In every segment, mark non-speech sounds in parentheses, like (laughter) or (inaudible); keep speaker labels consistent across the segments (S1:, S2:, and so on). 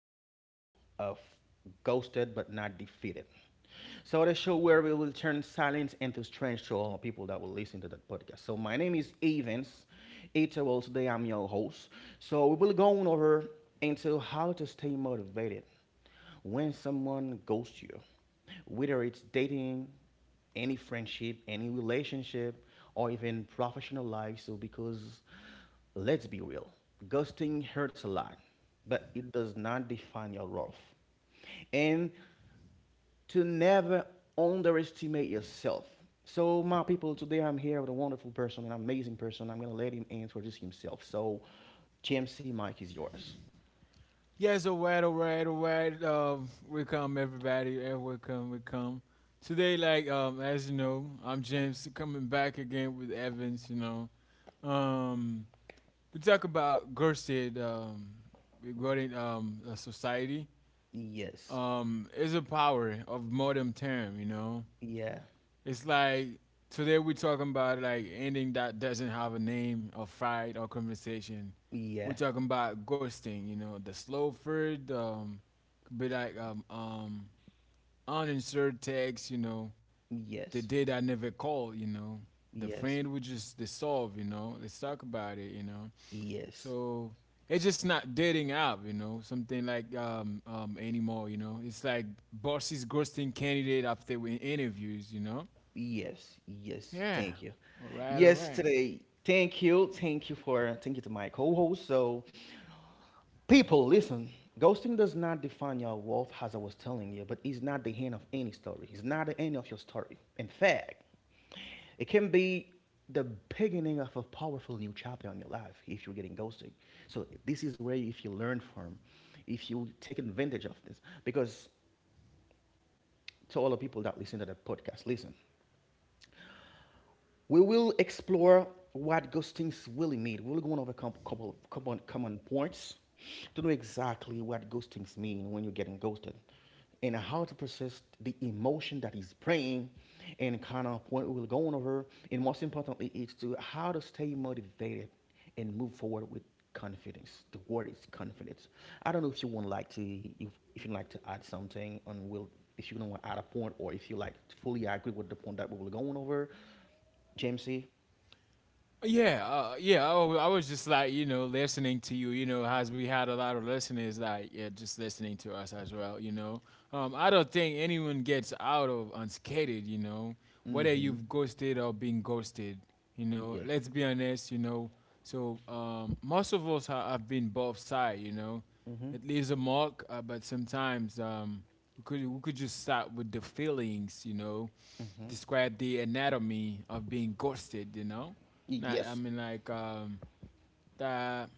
S1: channel of Ghosted but Not Defeated. The show where we will turn silence into strength to all people that will listen to that podcast. My name is Evans. Today, I'm your host. We will go on over into how to stay motivated when someone ghosts you, whether it's dating, any friendship, any relationship, or even professional life, because let's be real, ghosting hurts a lot, but it does not define your worth. And to never underestimate yourself. My people, today I'm here with a wonderful person, an amazing person. I'm gonna let him introduce himself. GMC Mike is yours.
S2: Yes, alright, alright, alright. Welcome everybody. Welcome, welcome. Today, as you know, I'm James coming back again with Evans. Um, we talk about Gerstead, regarding a society.
S1: Yes.
S2: Is a power of modern term. You know,
S1: Yeah.
S2: it's like today we're talking about like ending that doesn't have a name or fight or conversation. We're
S1: Yeah.
S2: talking about ghosting, you know, the slow food, could be like uninserted text, the
S1: Yes,
S2: date I never called, the
S1: yes,
S2: friend we just dissolve, let's talk about it.
S1: yes,
S2: So it's just not dating app, something like anymore, you know. It's like bosses ghosting candidate after we interviews, you know.
S1: yes, yes.
S2: Yeah.
S1: Thank you.
S2: All right, all
S1: Yes,
S2: right.
S1: today. Thank you to my co-host. People, listen. Ghosting does not define your worth, as I was telling you, but it's not the end of any story. It's not the end of your story. In fact, it can be the beginning of a powerful new chapter in your life if you're getting ghosted. So this is where if you learn from, if you take advantage of this, because to all the people that listen to the podcast, listen. We will explore what ghostings really mean. We're going over a couple, of common points to know exactly what ghostings mean when you're getting ghosted and how to process the emotion that is bringing and kind of point we're going over. And most importantly, is to how to stay motivated and move forward with confidence. The word is confidence. I don't know if you would like to if, if you'd like to add something on will if you don't want to add a point or if you like to fully agree with the point that we were going over. Jamesy.
S2: Yeah. I was just like you know listening to you. You know, as we had a lot of listeners, like yeah, just listening to us as well. I don't think anyone gets out of unscathed. You know, whether
S1: Mm-hmm.
S2: you've ghosted or been ghosted. You know,
S1: Yes.
S2: let's be honest. Most of us have been both side.
S1: Mhm.
S2: It leaves a mark, but sometimes we could just start with the feelings. You know, describe the anatomy of being ghosted. You know not, I
S1: Yes.
S2: mean, that.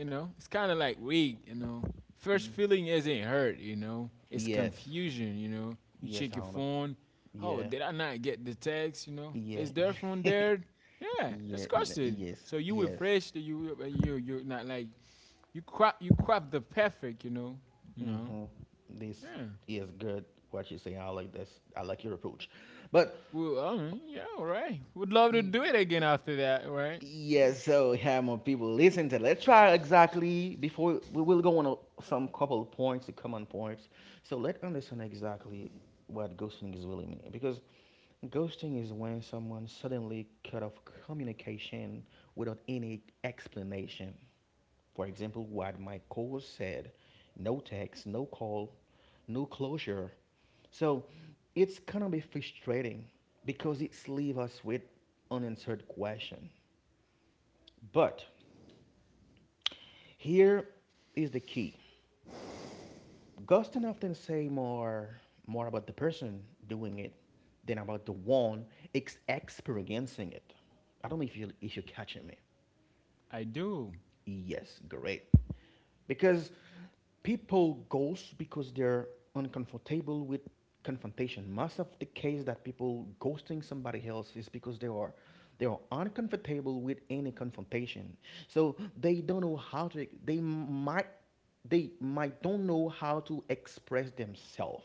S2: You know, it's kind of like weak. You know, first feeling isn't hurt. You know, it's
S1: Yes.
S2: confusion. You know, you
S1: Yes,
S2: check your
S1: Honda.
S2: phone. Oh,
S1: Yeah.
S2: did I not get the text? You know,
S1: Yeah.
S2: is there phone
S1: (laughs)
S2: there? Yeah, it's
S1: Yeah.
S2: crusted.
S1: Yes.
S2: So you
S1: Yes.
S2: refreshed. You you're not like you crop the perfect. You know, you know.
S1: Mm-hmm. This
S2: Yeah.
S1: is good. What you say. I like this. I like your approach. But
S2: Well, I mean, yeah, all right. Would love to do it again after that, right?
S1: yeah, so yeah, more people listen to. Let's try exactly before we will go on a, some couple points, the common points. So let us understand exactly what ghosting is really mean because ghosting is when someone suddenly cut off communication without any explanation. For example, what my co said, no text, no call, no closure. So it's gonna be frustrating because it's leave us with unanswered question. But here is the key. Ghosting often say more about the person doing it than about the one experiencing it. I don't know if you if you're catching me.
S2: I do.
S1: Yes, great. Because people ghost because they're uncomfortable with confrontation. Most of the case that people ghosting somebody else is because they are uncomfortable with any confrontation. So they don't know how to they might don't know how to express themselves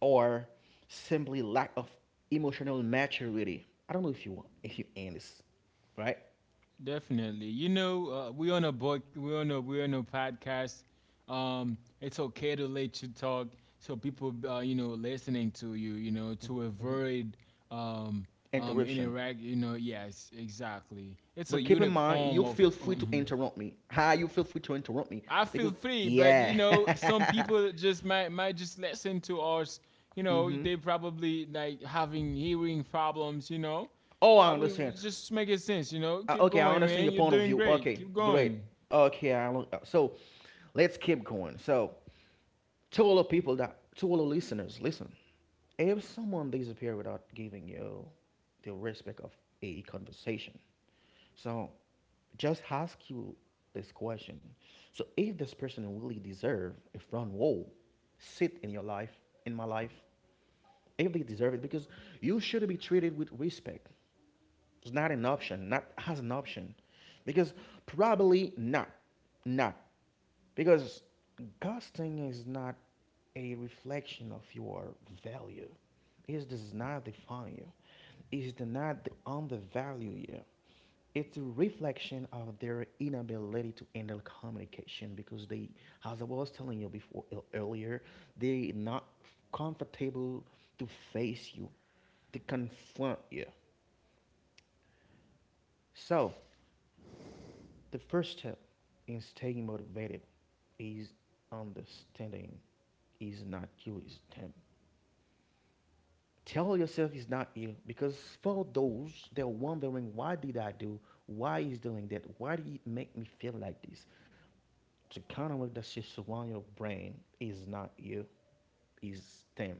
S1: or simply lack of emotional maturity. I don't know if you end this, right?
S2: Definitely. We're on a book, we're on a podcast. It's okay to let you talk, so people, you know, listening to you, you know, to avoid um
S1: Interruption.
S2: interact. You know, yes, exactly. It's a
S1: But keep in
S2: unique
S1: mind,
S2: form
S1: you
S2: of.
S1: feel free to
S2: Mhm.
S1: interrupt me. How you feel free to interrupt me
S2: I feel
S1: because
S2: free, but you
S1: yeah.
S2: know, some people
S1: (laughs)
S2: just might just listen to us. You know,
S1: Mm-hmm.
S2: they probably like having hearing problems. You know,
S1: Oh, I
S2: well, we
S1: understand.
S2: just make it sense. You know, keep
S1: Okay, I
S2: going,
S1: understand your
S2: man. You're
S1: point of
S2: doing
S1: view.
S2: great.
S1: Okay,
S2: Keep
S1: great.
S2: going.
S1: Okay, I, lo- so Let's keep going. So to all the listeners, listen. If someone disappears without giving you the respect of a conversation, so just ask you this question. So if this person really deserve a front wall, sit in your life, in my life, if they deserve it, because you should be treated with respect. It's not an option, not as an option. Because probably not. Not. Because ghosting is not a reflection of your value. It does not define you. It does not undervalue you. It's a reflection of their inability to handle communication because they, as I was telling you before earlier, they're not comfortable to face you, to confront you. So the first step in staying motivated is understanding is not you, is them. Tell yourself it's not you because for those that are wondering why did I do, why is doing that, why did it make me feel like this? To counter that shit surround your brain is not you, is them.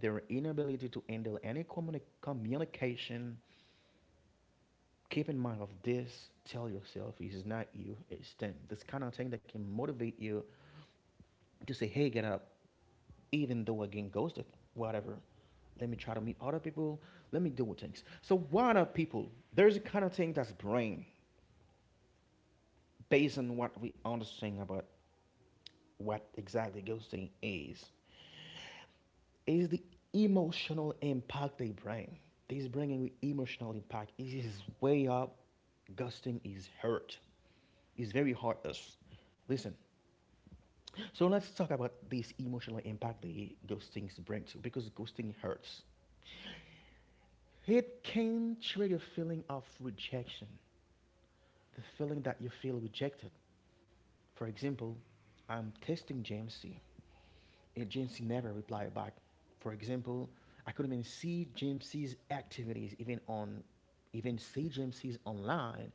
S1: Their inability to handle any communication. Keep in mind of this. Tell yourself it's not you, it's them. This kind of thing that can motivate you to say, hey, get up, even though I get ghosted, whatever. Let me try to meet other people. Let me do things. So what are people? There's a kind of thing that's brain based on what we understand about what exactly ghosting is. Is the emotional impact they bring. These bringing with emotional impact. It is way up. Ghosting is hurt. It's very hard. Listen. So let's talk about this emotional impact the ghostings bring to because ghosting hurts. It came trigger feeling of rejection, the feeling that you feel rejected. For example, I'm testing JMC, and JMC never replied back. For example, I couldn't even see JMC's activities even see JMC's online,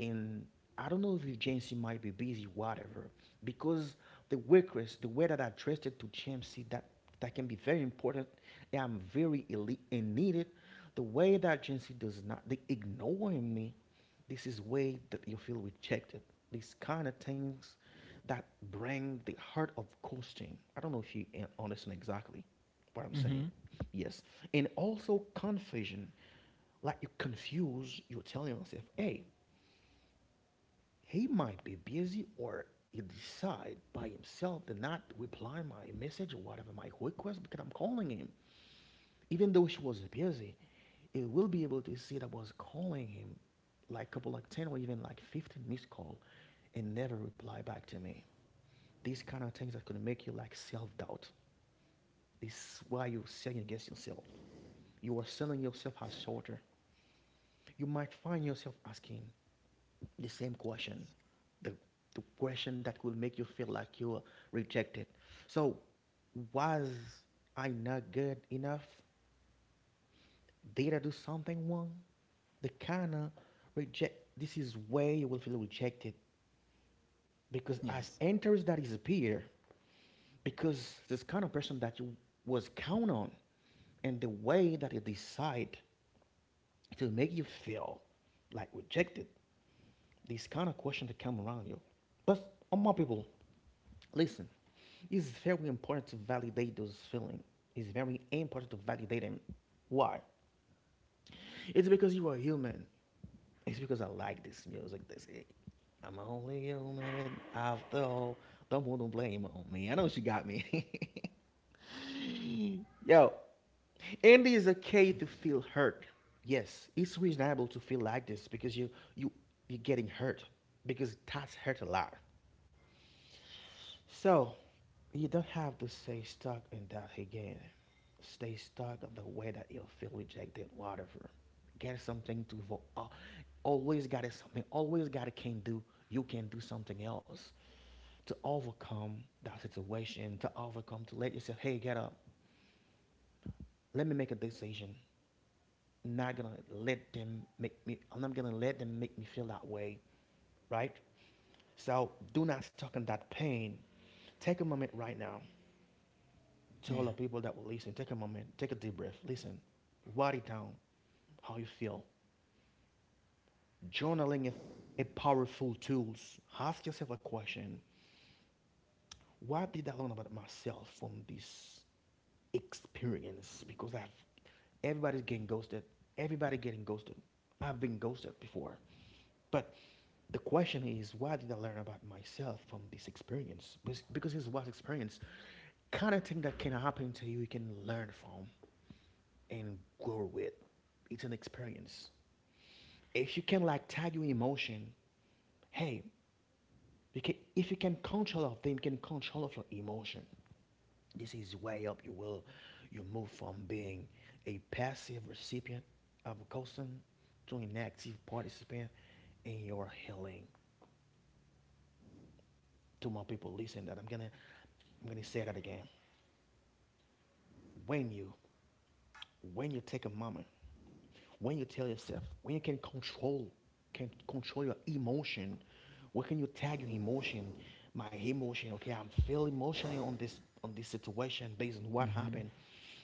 S1: and I don't know if JMC might be busy, whatever, because the workers, the way that I addressed it to JMC, that can be very important, and I'm very elite and needed. The way that JMC does not, they ignoring me, this is way that you feel rejected. These kind of things that bring the heart of coasting. I don't know if you understand exactly what I'm saying.
S2: Mm-hmm.
S1: Yes. And also confusion. Like you confuse, you're telling yourself, hey, he might be busy or he decide by himself to not reply my message or whatever my request because I'm calling him. Even though she was busy, he will be able to see that was calling him like a couple like 10 or even like 15 missed call and never reply back to me. These kind of things that could make you like self-doubt. This is why you're selling against yourself. You are selling yourself as shorter. You might find yourself asking the same question. The, the question that will make you feel like you're rejected. So was I not good enough? Did I do something wrong? The kind of reject. This is where you will feel rejected because as
S2: Yes.
S1: enters that is appear, because this kind of person that you was count on, and the way that they decide to make you feel like rejected, this kind of question to come around you. But all my people, listen, it's very important to validate those feelings. It's very important to validate them. Why? It's because you are human. It's because I like this music. That's it. I'm only human after all. Don't put the blame on me. I know she got me. (laughs) Yo, Andy is okay to feel hurt. Yes, it's reasonable to feel like this because you you're getting hurt because that's hurt a lot. So you don't have to stay stuck in that again. Stay stuck of the way that you feel rejected, whatever. Get something to always got it something. Always got it can do. You can do something else to overcome that situation. To overcome to let yourself, hey, get up. Let me make a decision. I'm not gonna let them make me feel that way, right? So do not stuck in that pain. Take a moment right now to all the
S2: Yeah.
S1: people that will listen, take a moment, take a deep breath, listen, write it down, how you feel. Journaling is a powerful tool. Ask yourself a question. What did I learn about myself from this experience? Because I've everybody's getting ghosted. Everybody getting ghosted. I've been ghosted before. But the question is, what did I learn about myself from this experience? Because this was experience kind of thing that can happen to you, you can learn from and grow with. It's an experience. If you can like tag your emotion, hey, you can, if you can control of them, you can control of your emotion. This is way up you will you move from being a passive recipient of a custom to an active participant in your healing. To my people, listen that I'm gonna say that again. When you take a moment, when you tell yourself, when you can can control your emotion, where can you tag your emotion? My emotion, okay, I'm feeling emotionally on this situation based on what happened.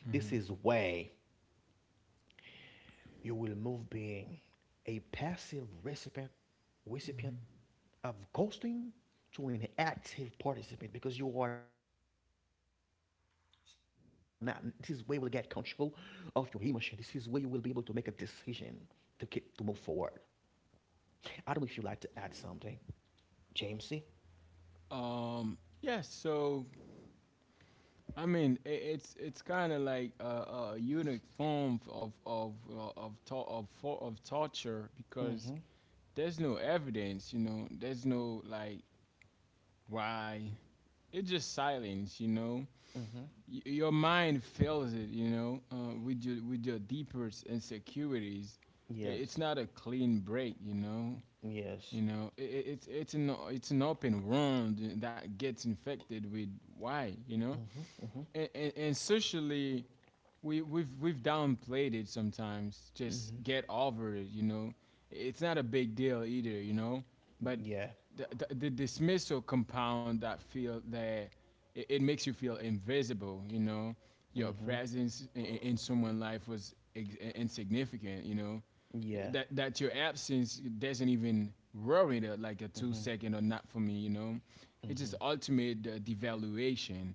S1: This
S2: Mm-hmm.
S1: is way you will move being a passive recipient of ghosting to an active participant because you are not, this is where you will get control of your emotion, this is where you will be able to make a decision to move forward. I don't know if you'd like to add something, Jamesy.
S2: Yes. So I mean, I it's it's kind of like a unique form of of torture because
S1: Mm-hmm.
S2: there's no evidence. You know, there's no like why it's just silence, you know.
S1: Mm-hmm.
S2: Your mind fills it, you know, with your deepest insecurities. It's
S1: Yes.
S2: not a clean break, you know.
S1: Yes.
S2: You know, it's it's an open wound that gets infected with why, you know, and socially we've downplayed it sometimes. Just get over it, you know. It's not a big deal either, you know. But
S1: Yeah.
S2: the dismissal compound that feel that it makes you feel invisible, you know. Your
S1: Mm-hmm.
S2: presence in someone's life was insignificant, you know.
S1: Yeah.
S2: That that your absence doesn't even worry the, like a two
S1: Mm-hmm.
S2: second or not for me, you know. It's just
S1: Mm-hmm.
S2: ultimate devaluation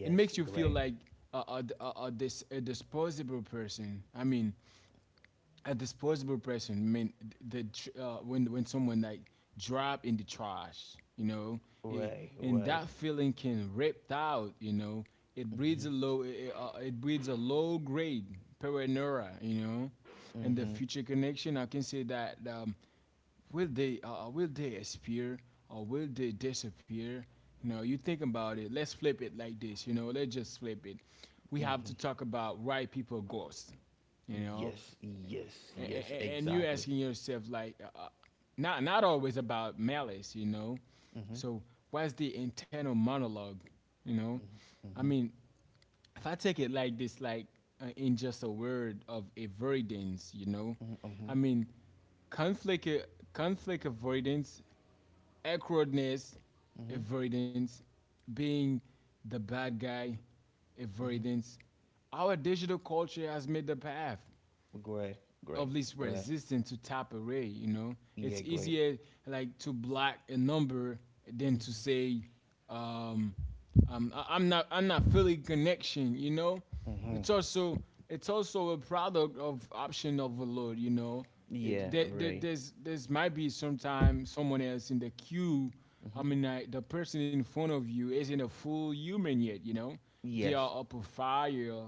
S2: it makes you feel
S1: Great.
S2: like a disposable person. I mean, a disposable person. I mean, the when someone like drop in the trash, you know, it,
S1: Ray
S2: and
S1: ray.
S2: that feeling can ripped out. You know,
S1: Mm-hmm.
S2: it, it breeds a low grade paranoia. You know, and the
S1: Mm-hmm.
S2: future connection. I can say that will they appear or will they disappear you know you think about it, let's flip it like this, you know, let's just flip it. We have
S1: Mm-hmm.
S2: to talk about why people ghost. You know,
S1: Yes, yes,
S2: and,
S1: yes,
S2: and you
S1: exactly.
S2: asking yourself like not not always about malice, you know.
S1: Mm-hmm.
S2: So what's the internal monologue, you know?
S1: Mm-hmm.
S2: I
S1: Mm-hmm.
S2: mean, if I take it like this, like in just a word of avoidance, you know,
S1: Mm-hmm.
S2: I mean, conflict, uh, conflict avoidance, awkwardness,
S1: Mm-hmm.
S2: avoidance, being the bad guy,
S1: Mm-hmm.
S2: avoidance. Our digital culture has made the path
S1: Great,
S2: of
S1: great,
S2: least
S1: right.
S2: resistance to top array. You know,
S1: Yeah,
S2: it's
S1: great.
S2: easier like to block a number than to
S1: Mm-hmm.
S2: say, um, I'm not feeling connection. You know,
S1: Mm-hmm.
S2: it's also it's also a product of option overload. You know,
S1: Yeah, right.
S2: there's might be sometime someone else in the queue. I
S1: Mm-hmm.
S2: mean, the person in front of you isn't a full human yet. You know, they
S1: Yes,
S2: are up a fire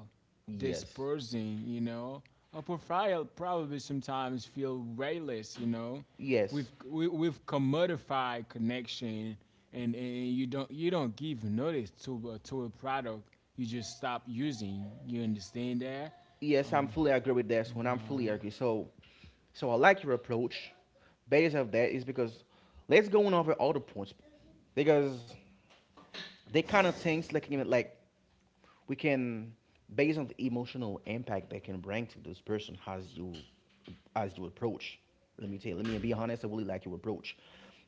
S1: yes,
S2: dispersing, you know. A profile probably sometimes feel rayless, you know.
S1: yes,
S2: We've commodified connection, and you don't give notice to to a product. You just stop using. You understand that?
S1: yes. I'm
S2: Um,
S1: fully agree with this one. I'm fully
S2: uh,
S1: agree. So I like your approach. Based of that is because let's go on over all the points, because they kind of things like, even like, we can, based on the emotional impact that can bring to this person as you approach. Let me tell you, let me be honest, I really like your approach,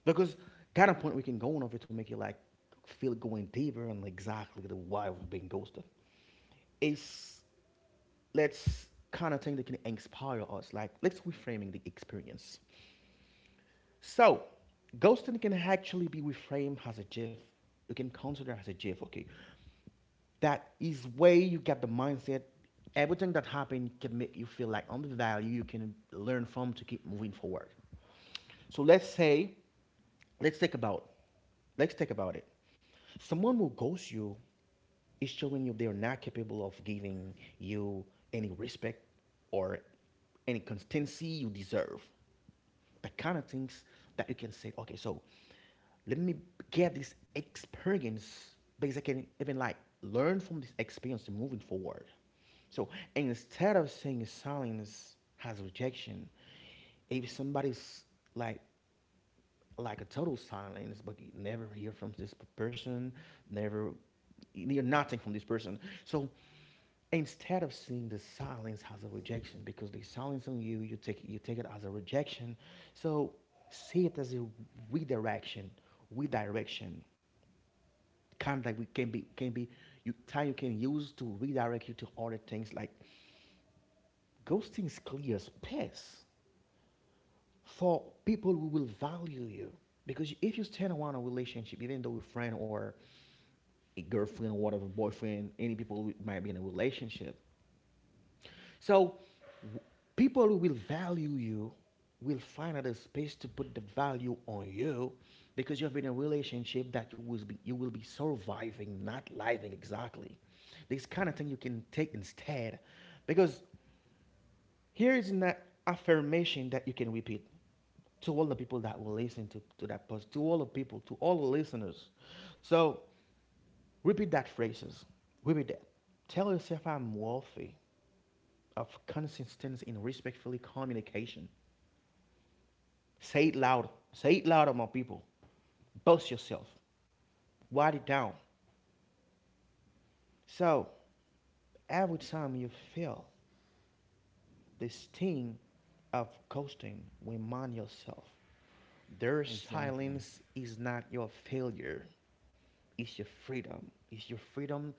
S1: because kind of point we can go on over to make you like feel going deeper on, like, exactly the why we've been ghosted is, let's kind of thing that can inspire us like let's reframing the experience. So ghosting can actually be reframed as a gift. You can consider as a gift, okay? That is way you get the mindset. Everything that happened can make you feel like on the value you can learn from to keep moving forward. So let's say, let's think about let's think about it. Someone who ghosts you is showing you they're not capable of giving you any respect or any consistency you deserve. The kind of things that you can say, okay, so let me get this experience, because I can even like learn from this experience and moving forward. So instead of saying silence has rejection, if somebody's like like a total silence, but you never hear from this person, never, you hear nothing from this person. So instead of seeing the silence as a rejection, because they silence on you, you take it as a rejection. So see it as a redirection, redirection. Kind of like we can be you time you can use to redirect you to other things, like ghosting is clear as piss, for people who will value you. Because if you stand on a relationship, even though you're a friend or a girlfriend or whatever, boyfriend, any people who might be in a relationship. So people who will value you will find out a space to put the value on you, because you've been in a relationship that you will be surviving, not living exactly. This kind of thing you can take instead, because here is an affirmation that you can repeat to all the people that will listen to that post, to all the people, to all the listeners. So repeat that phrases. Repeat that. Tell yourself I'm worthy of consistency in respectfully communication. Say it loud. Say it loud, my people. Boast yourself. Write it down. So every time you feel the sting of ghosting, remind yourself their
S2: exactly.
S1: silence is not your failure, it's your freedom. It's your freedom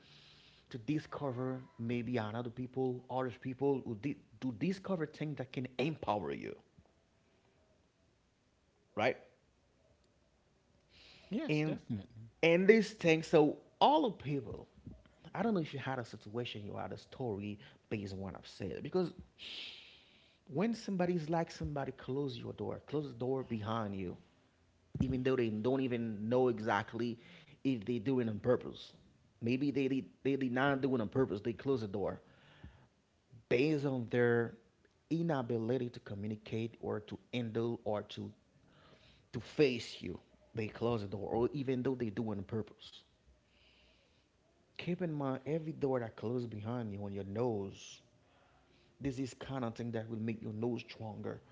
S1: to discover maybe another people, other people who to discover things that can empower you, right?
S2: Yes,
S1: And
S2: definitely.
S1: and this thing. So all of people, I don't know if you had a situation, you had a story based on what I've said, because when somebody's like somebody, close your door. Close the door behind you, even though they don't even know exactly if they do it on purpose. Maybe they did not do it on purpose. They close the door based on their inability to communicate or to handle or to face you. They close the door, or even though they do it on purpose. Keep in mind every door that closes behind you on your nose. This is kind of thing that will make your nose stronger.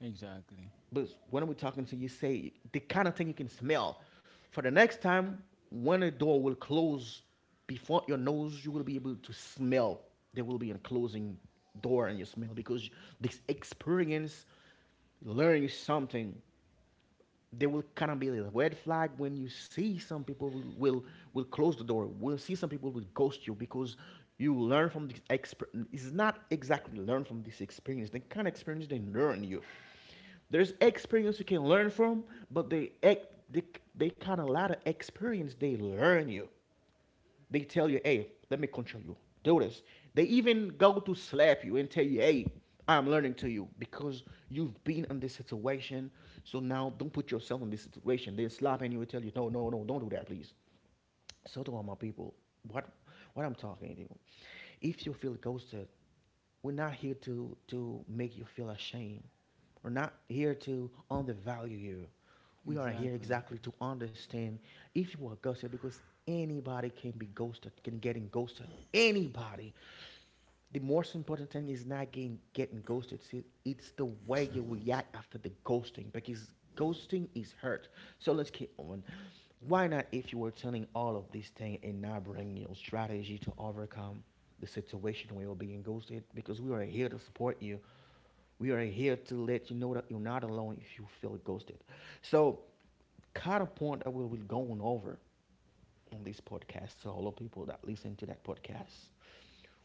S2: Exactly.
S1: But when we're talking to you, say the kind of thing you can smell. For the next time, when a door will close before your nose, you will be able to smell. There will be a closing door and you smell, because this experience learning something, there will kind of be a red flag when you see some people will close the door. We'll see some people will ghost you because you learn from this experience. It's not exactly learn from this experience. They kind of experience they learn you. There's experience you can learn from, but they, they kind of a lot of experience they learn you. They tell you, hey, let me control you. Do this. They even go to slap you and tell you, hey, I'm learning to you, because you've been in this situation. So now don't put yourself in this situation. They're slapping you and tell you, no, no, no, don't do that, please. So to all my people, what what I'm talking to you, if you feel ghosted, we're not here to make you feel ashamed. We're not here to undervalue you. We are here
S2: Exactly.
S1: exactly to understand if you are ghosted, because anybody can be ghosted, can getting ghosted. Anybody. The most important thing is not getting ghosted. See, it's the way you react after the ghosting, because ghosting is hurt. So let's keep on. Why not if you were telling all of this thing and not bringing your strategy to overcome the situation where you're being ghosted? Because we are here to support you. We are here to let you know that you're not alone if you feel ghosted. So, kind of point that we will be going over on this podcast to all the people that listen to that podcast.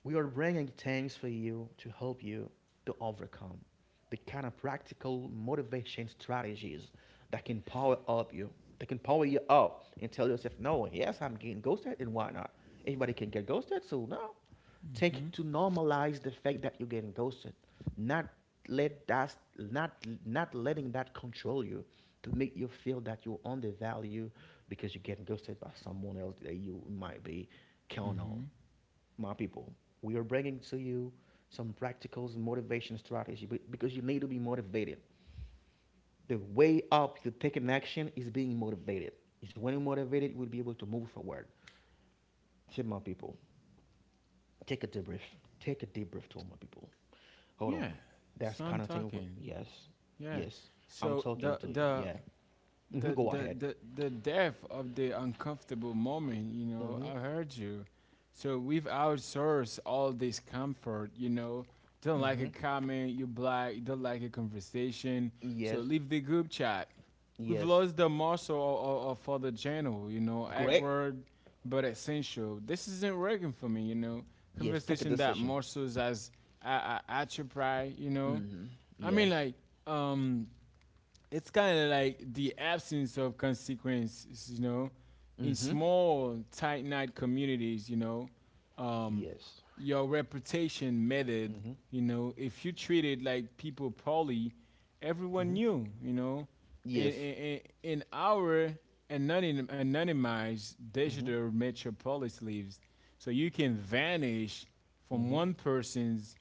S1: We are bringing things for you to help you to overcome the kind of practical motivation strategies that can power up you, that can power you up and tell yourself, no, yes, I'm getting ghosted, and why not? Anybody can get ghosted, so no. Take
S2: Mhm.
S1: to normalize the fact that you're getting ghosted, not let that, not not letting that control you, to make you feel that you're undervalued, because you get ghosted by someone else that you might be count on,
S2: Mhm.
S1: my people. We are bringing to you some practicals motivation strategy because you need to be motivated. The way up to taking action is being motivated. It's when you're motivated you will be able to move forward. See, my people, take a debrief. Take a debrief to all my people. Hold
S2: Yeah.
S1: on. That's
S2: So I'm
S1: kind of thing.
S2: talking.
S1: Yes.
S2: Yeah.
S1: Yes. I'm
S2: So
S1: talking to you. Yeah. Hmm. Go ahead.
S2: the depth of the uncomfortable moment, you know,
S1: Hmm.
S2: I heard you. So we've outsourced all this comfort, you know, don't like a
S1: Hmm.
S2: comment you black, don't like a conversation, so
S1: Yes.
S2: leave the group chat. We've
S1: Yes.
S2: lost the muscle for the channel, you know,
S1: Great.
S2: awkward but essential. This isn't working for me, you know,
S1: Yes. Take a
S2: conversation. That
S1: decision.
S2: muscles as a atrophy, you know.
S1: Hmm.
S2: I mean,
S1: Yes.
S2: like um it's kind of like the absence of consequences, you know, in
S1: Hmm.
S2: small, tight knit communities, you know, um,
S1: Yes.
S2: your reputation mattered,
S1: Hmm.
S2: you know, if you treated like people poorly, everyone
S1: Hmm.
S2: knew, you know, in,
S1: Yes.
S2: in our anonymized
S1: Hmm.
S2: digital metropolis lives, so you can vanish from
S1: Hmm.
S2: one person's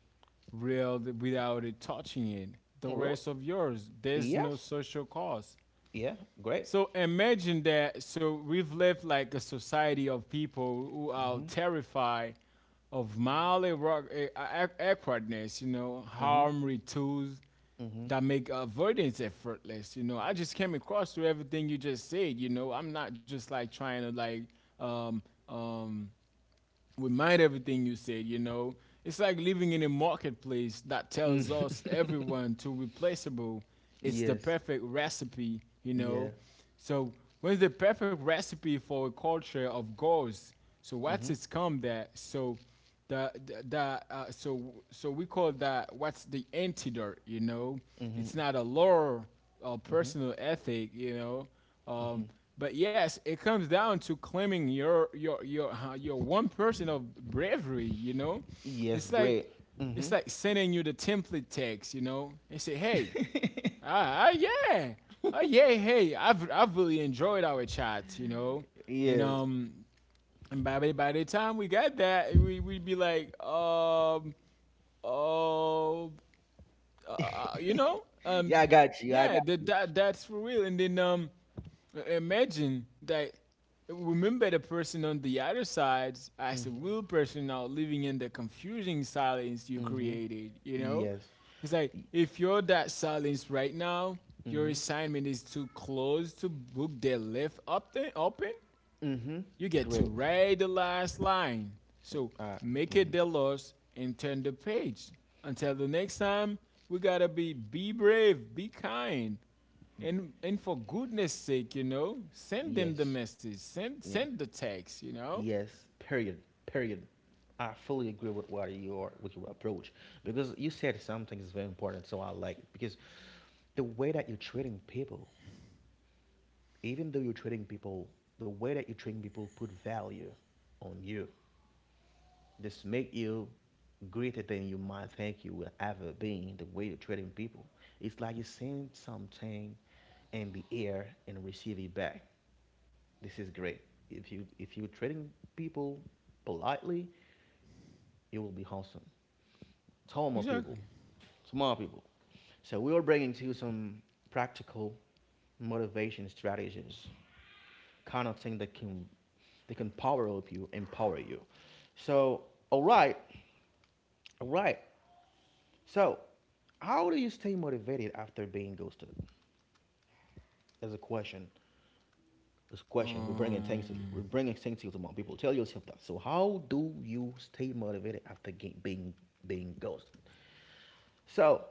S2: reeled without it touching it. The
S1: Well,
S2: rest of yours, there's no
S1: yes.
S2: social cause.
S1: Yeah. Great.
S2: So imagine that. So we've lived like a society of people who are
S1: Hmm.
S2: terrified of mildly eh, awkwardness, you know,
S1: Hmm.
S2: harmful tools
S1: Hmm.
S2: that make avoidance effortless. You know, I just came across to everything you just said. You know, I'm not just like trying to like um um remind everything you said, you know. It's like living in a marketplace that
S1: Mm.
S2: tells us everyone to replaceable.
S1: (laughs)
S2: It's the
S1: Yes.
S2: perfect recipe, you
S1: Yeah.
S2: know. So what's the perfect recipe for a culture of goals? So what's
S1: Mhm.
S2: it's come that? So the so so we call that, what's the antidote, you know?
S1: Mhm.
S2: It's not a lure
S1: Mm-hmm.
S2: personal ethic, you know.
S1: Mm-hmm.
S2: Um, but yes, it comes down to claiming your one person of bravery, you know.
S1: Yes,
S2: It's like
S1: great. Hmm.
S2: it's like sending you the template text, you know, and say, hey,
S1: (laughs)
S2: ah, ah yeah, yeah, hey, I've really enjoyed our chat, you know, and
S1: Yes.
S2: um, and by the time we got that, we we'd be like, oh, uh, you know, um,
S1: Yeah, I got you. I
S2: yeah,
S1: got.
S2: that's for real. And then imagine that. Remember the person on the other side as a
S1: Hmm.
S2: real person now living in the confusing silence you
S1: Hmm.
S2: created. You know,
S1: Yes.
S2: it's like if you're that silence right now, your
S1: Mm-hmm.
S2: assignment is to close to book their left up open, you
S1: Mm-hmm.
S2: get to
S1: Great.
S2: read the last line. So
S1: Uh,
S2: make
S1: mm-hmm.
S2: it the loss and turn the page. Until the next time, we gotta be brave, be kind, and for goodness sake, you know, send them the
S1: Yes.
S2: message,
S1: Yeah.
S2: send the text, you know.
S1: Yes. Period. Period. I fully agree with what you are, with your approach, because you said something is very important, so I like it, because the way that you're treating people, even though you're treating people, the way that you're treating people put value on you. This make you greater than you might think you will ever be, the way you're treating people. It's like you send something in the air and receive it back. This is great. If you're treating people politely, you will be wholesome. Tolerant people,
S2: Exactly.
S1: smart people. So we are bringing to you some practical motivation strategies, kind of thing that can, they can power up you, empower you. So all right, all right. So, how do you stay motivated after being ghosted? As a question, this question we're bringing things to you.
S2: Um.
S1: We're bringing things to you tomorrow. People tell yourself that. So, how do you stay motivated after being being ghosted? So,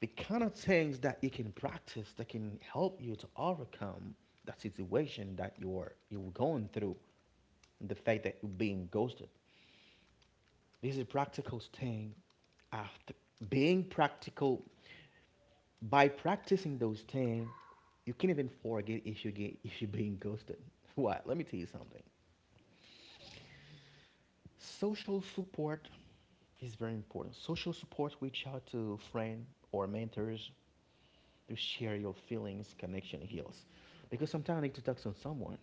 S1: the kind of things that you can practice that can help you to overcome that situation that you're going through, and the fact that you're being ghosted. This is a practical staying after being practical. By practicing those things, you can't even forget if you get if you're being ghosted. (laughs) Why? Let me tell you something. Social support is very important. Social support, reach out to friend or mentors to share your feelings, connection heals. Because sometimes I need to talk to someone.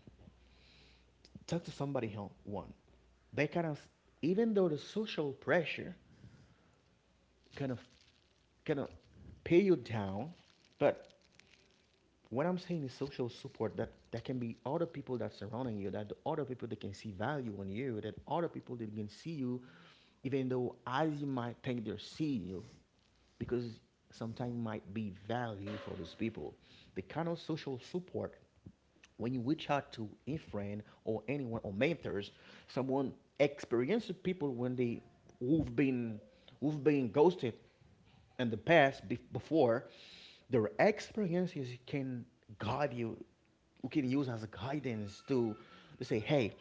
S1: Talk to somebody else one. They kind of, even though the social pressure kind of kind of pay you down, but what I'm saying is social support, that can be other people that surrounding you, that the other people that can see value in you, that other people that can see you, even though as you might think they're seeing you, because sometimes might be value for those people. The kind of social support when you reach out to a friend or anyone or mentors, someone experienced people when they who've been who've been ghosted in the past before, their experiences can guide you, you can use as a guidance to say, hey,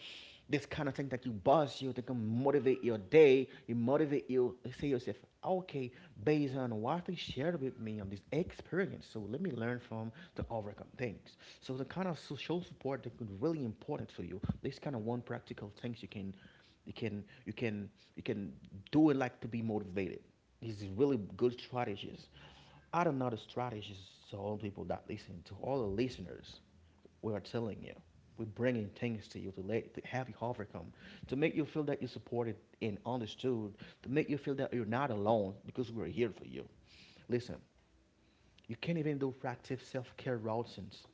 S1: this kind of thing that you buzz you that can motivate your day you motivate you say yourself okay based on what they shared with me on this experience, so let me learn from to overcome things. So the kind of social support that could really important for you, this kind of one practical things you can you can you can do it like to be motivated. These really good strategies, I don't know the strategies to all people that listen, to all the listeners we are telling you. We're bringing things to you to let to have you overcome, to make you feel that you're supported and understood, to make you feel that you're not alone because we're here for you. Listen, you can't even do practice self-care routines,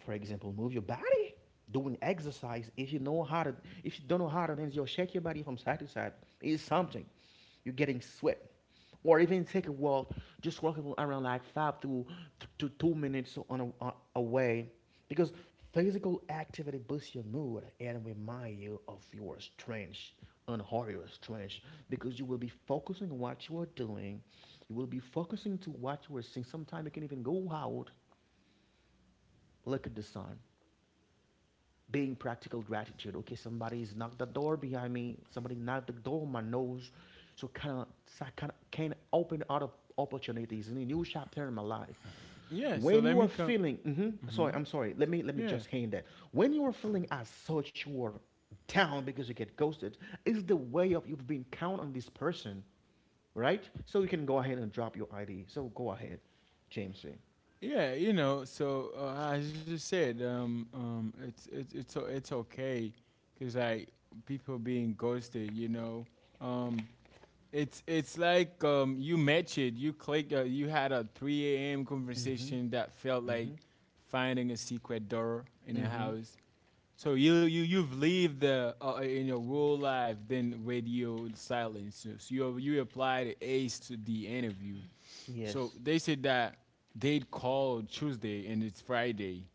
S1: for example, move your body, doing exercise. If you know how to, If you don't know how to dance, you'll shake your body from side to side. It's something. You're getting sweat. Or even take a walk, just walking around like 5 to 2 minutes on away, because physical activity boosts your mood and remind you of your strength, unhurry your strength, because you will be focusing on what you are doing, you will be focusing to what you are seeing. Sometimes you can even go out, look at the sun, being practical gratitude. Okay, somebody's knocked the door behind me. Somebody knocked the door on my nose. So kind of can open other opportunities in a new chapter in my life.
S2: Yeah. So
S1: When
S2: let
S1: you
S2: me
S1: are
S2: come.
S1: feeling,
S2: Hmm.
S1: sorry, I'm sorry. Let me
S2: Yeah.
S1: just hand that. When you are feeling as such, you are down because you get ghosted. Is the way of you've been count on this person, right? So you can go ahead and drop your ID. So go ahead, James.
S2: Yeah, you know, so as you said, it's it's okay, cause like people being ghosted, you know, um, it's it's like you met it. You click. You had a 3 a.m.
S1: Mm-hmm.
S2: conversation that felt like
S1: Mm-hmm.
S2: finding a secret door in a
S1: Mm-hmm.
S2: house. So you you've lived the in your real life then radio silence. So, so you applied the ACE to the interview. So
S1: Yes.
S2: they said that they'd call Tuesday and it's Friday.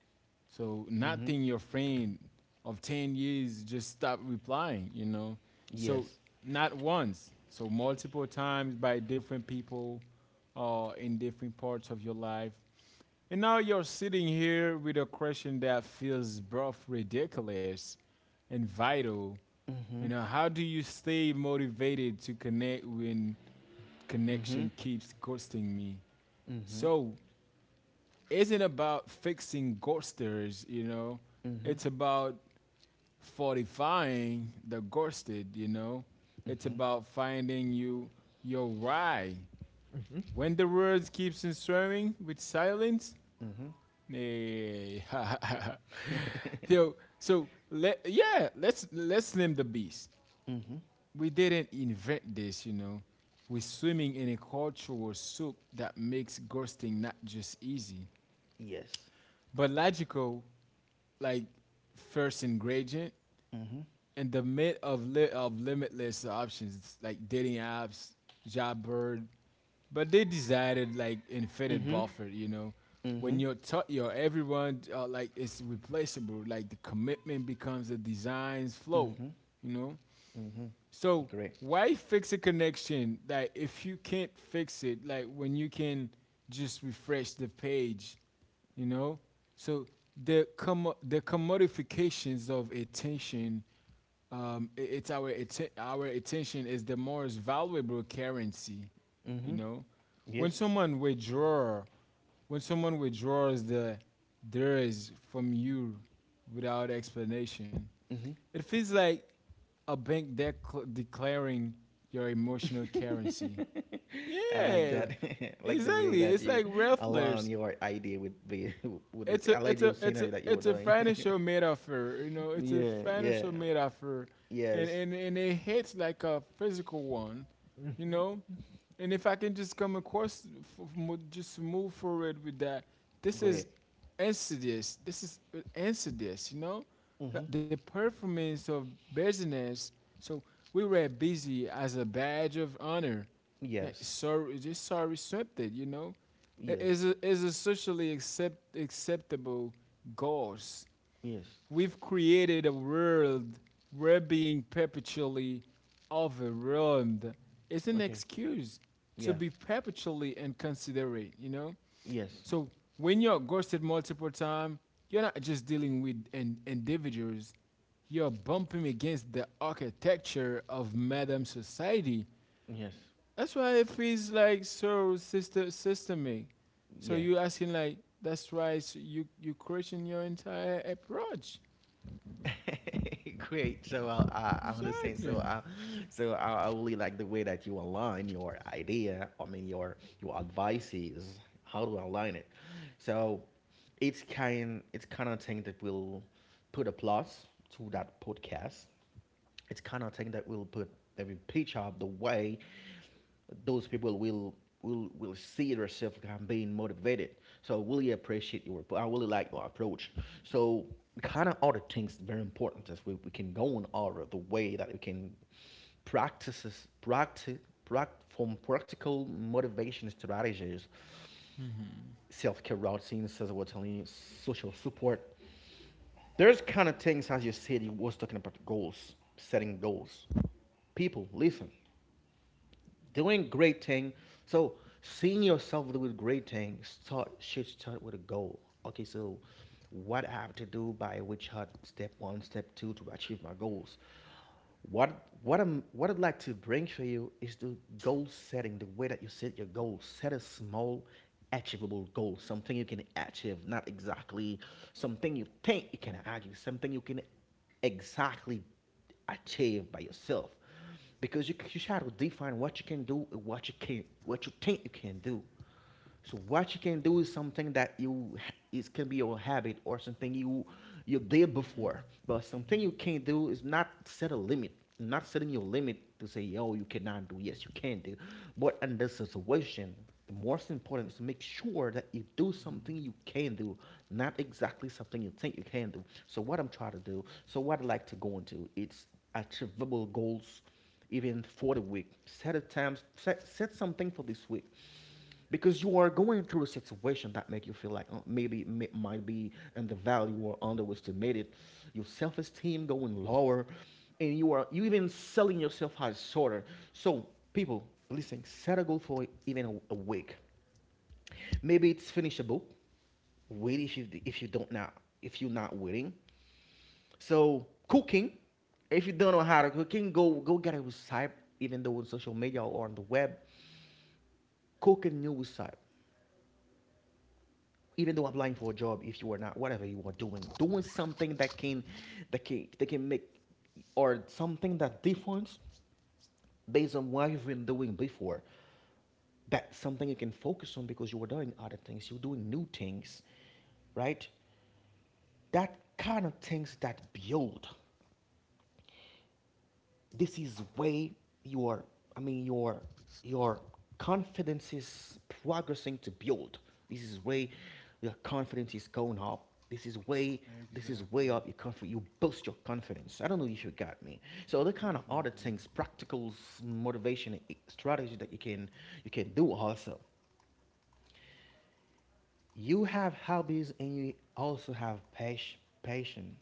S2: So not
S1: Mm-hmm.
S2: think your friend of 10 years just stopped replying, you know. So
S1: Yes.
S2: not once, so multiple times by different people in different parts of your life. And now you're sitting here with a question that feels both ridiculous and vital. You
S1: Mm-hmm.
S2: know, how do you stay motivated to connect when
S1: Mm-hmm.
S2: connection keeps ghosting me?
S1: Mm-hmm.
S2: So, isn't about fixing ghosters, you know.
S1: Mm-hmm.
S2: It's about fortifying the ghosted, you know. It's
S1: Mm-hmm.
S2: about finding you your why. When the words keeps on swimming with silence,
S1: Mm-hmm.
S2: hey, (laughs) yo. So let yeah, let's name the beast.
S1: Mm-hmm.
S2: We didn't invent this, you know. We're swimming in a cultural soup that makes ghosting not just easy,
S1: Yes.
S2: but logical, like first ingredient,
S1: Mm-hmm.
S2: in the mid of of limitless options like dating apps, Jobbird, but they decided like infinite
S1: Mm-hmm.
S2: buffer. You know,
S1: Mm-hmm.
S2: when you're taught, your everyone like it's replaceable. Like the commitment becomes a design's flow.
S1: Mm-hmm.
S2: You know,
S1: Mm-hmm.
S2: so
S1: Great.
S2: why fix a connection like if you can't fix it like when you can just refresh the page, you know? So the commodifications of attention, it's our our attention is the most valuable currency, you
S1: Mm-hmm.
S2: know. When
S1: Yes.
S2: someone withdraw, when someone withdraws theirs from you without explanation,
S1: Mm-hmm.
S2: it feels like a bank declaring your emotional currency.
S1: I like
S2: Yeah,
S1: that. (laughs) I like the way
S2: exactly.
S1: that
S2: It's
S1: you
S2: like
S1: align
S2: rafflers.
S1: your idea with the (laughs) with the
S2: it's a
S1: I like
S2: it's a
S1: your
S2: it's a
S1: scenery that you were
S2: it's a
S1: doing. (laughs)
S2: financial metaphor, you know, it's a
S1: Yeah, yeah.
S2: financial metaphor. and
S1: Yes.
S2: and, and it hits like a physical one, you know. And if I can just come across just move forward with that, this is
S1: Great.
S2: insidious. This is insidious, you know. Th-
S1: Mm-hmm.
S2: the performance of business, so we were busy as a badge of honor. Like
S1: Yes.
S2: sorry, just sorry something, you know,
S1: Yes.
S2: is a socially acceptable goals.
S1: Yes.
S2: We've created a world we're being perpetually overwhelmed. It's an
S1: Okay.
S2: excuse to
S1: Yeah.
S2: be perpetually inconsiderate, you know?
S1: Yes.
S2: So when you're ghosted multiple times, you're not just dealing with individuals, you're bumping against the architecture of madam society.
S1: Yes.
S2: That's why it feels like so systemic. So
S1: Yeah.
S2: you asking like, that's why s you you question your entire approach.
S1: (laughs) Great. So I understand. So
S2: Exactly.
S1: I, so I, I really like the way that you align your idea. I mean your advices. How to align it. So it's kind of thing that will put a plus to that podcast. It's kind of thing that will put every picture of the way those people will see themselves being motivated. So I really appreciate your I really like your approach. So kind of other things very important is we can go on all the way that we can practices practice pract from practical motivation strategies, self-care routines, as I was telling you, social support. There's kind of things as you said you was talking about goals, setting goals. People, listen, doing great thing. So seeing yourself doing great things start should start with a goal. Okay, so what I have to do by which hard step one, step two to achieve my goals. What I'd like to bring for you is the goal setting, the way that you set your goals. Set a small, achievable goal, something you can achieve, not exactly something you think you can achieve, something you can exactly achieve by yourself, because you try to define what you can do and what you can't, what you think you can do. So what you can do is something that you it can be your habit or something you you did
S2: Mm-hmm,
S1: before, but something
S2: mm-hmm.
S1: you can't do is not set a limit, not setting your limit to say yo you cannot do, yes you can do, but in this situation. The most important is to make sure that you do something you can do, not exactly something you think you can do. So what I'm trying to do, so what I like to go into, it's achievable goals even for the week, set a time set, set something for this week, because you are going through a situation that make you feel like maybe might be undervalued or underestimated, your self-esteem going lower, and you are you even selling yourself as shorter. So people, listen, set a goal for even a week, maybe it's finish a book. Wait, if you don't now, if you're not waiting, so cooking, if you don't know how to cook,ing go get a website, even though on social media or on the web, cook a new website. Even though applying for a job, if you are not whatever you are doing, doing something that can that can make, or something that difference based on what you've been doing before. That's something you can focus on because you are doing other things, you're doing new things, right? That kind of things that build, this is way your I mean your confidence is progressing to build, this is way your confidence is going up, this is way
S2: Exactly.
S1: up your confidence, you boost your confidence, I don't know if you got me. So the kind of other
S2: Definitely.
S1: things practical motivation strategy that you can do also, you have hobbies and you also have passion.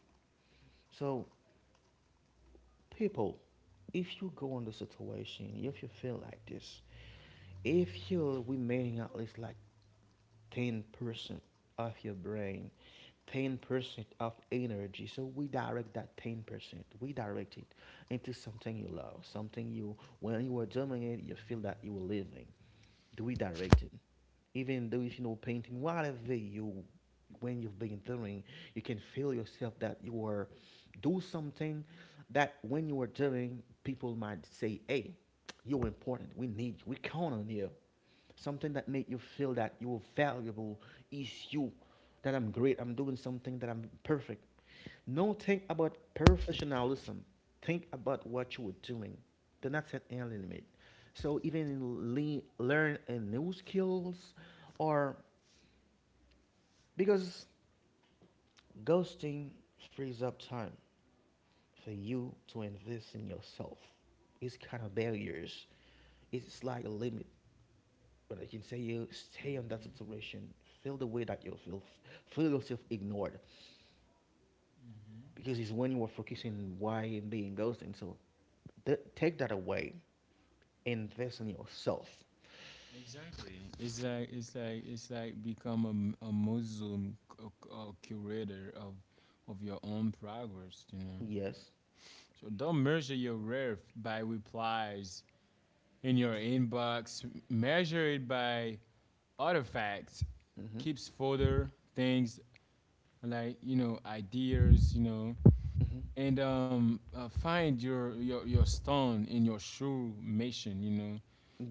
S1: So people, if you go in the situation, if you feel like this, if you remaining at least like 10% of your brain, 10% of energy. So we direct that 10%, we direct it into something you love, something you, when you are doing it, you feel that you are living. Do we direct it? Even though if you know painting, whatever you, when you've been doing, you can feel yourself that you are do something that when you are doing, people might say, hey, you're important. We need you. We count on you, something that make you feel that you're valuable, is you that I'm great, I'm doing something that I'm perfect. No, think about professionalism, think about what you were doing, do not set any limit. So even in learn a new skills, or because ghosting frees up time for you to invest in yourself. It's kind of barriers, it's like a limit. But I can say you stay on that situation. Feel the way that you feel. Feel yourself ignored, because it's when you are focusing why and being ghosted. So take that away. Invest in yourself.
S2: Exactly. It's like, it's like become a, a Muslim a curator of your own progress, you know.
S1: Yes.
S2: So don't measure your worth by replies in your inbox, measured by artifacts,
S1: Mhm.
S2: keeps folder things like, you know, ideas, you know.
S1: Mhm.
S2: And find your stone in your shoe mission, you know.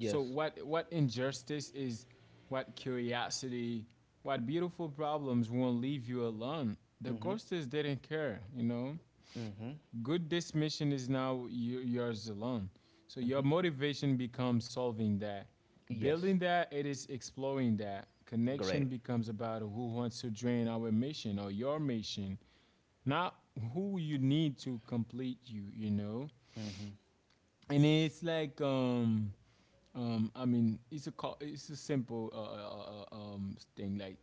S2: So what injustice is, what curiosity, what beautiful problems won't leave you alone. The
S1: Mhm.
S2: ghosters didn't care, you know.
S1: Mhm.
S2: Good dismission is now yours alone. So your
S1: Mhm.
S2: motivation becomes solving that,
S1: Yes.
S2: building that. It is exploring that.
S1: Great.
S2: Connection becomes about who wants to drain our mission or your mission, not who you need to complete you. You know,
S1: Mhm.
S2: and it's like I mean, it's a it's a simple thing like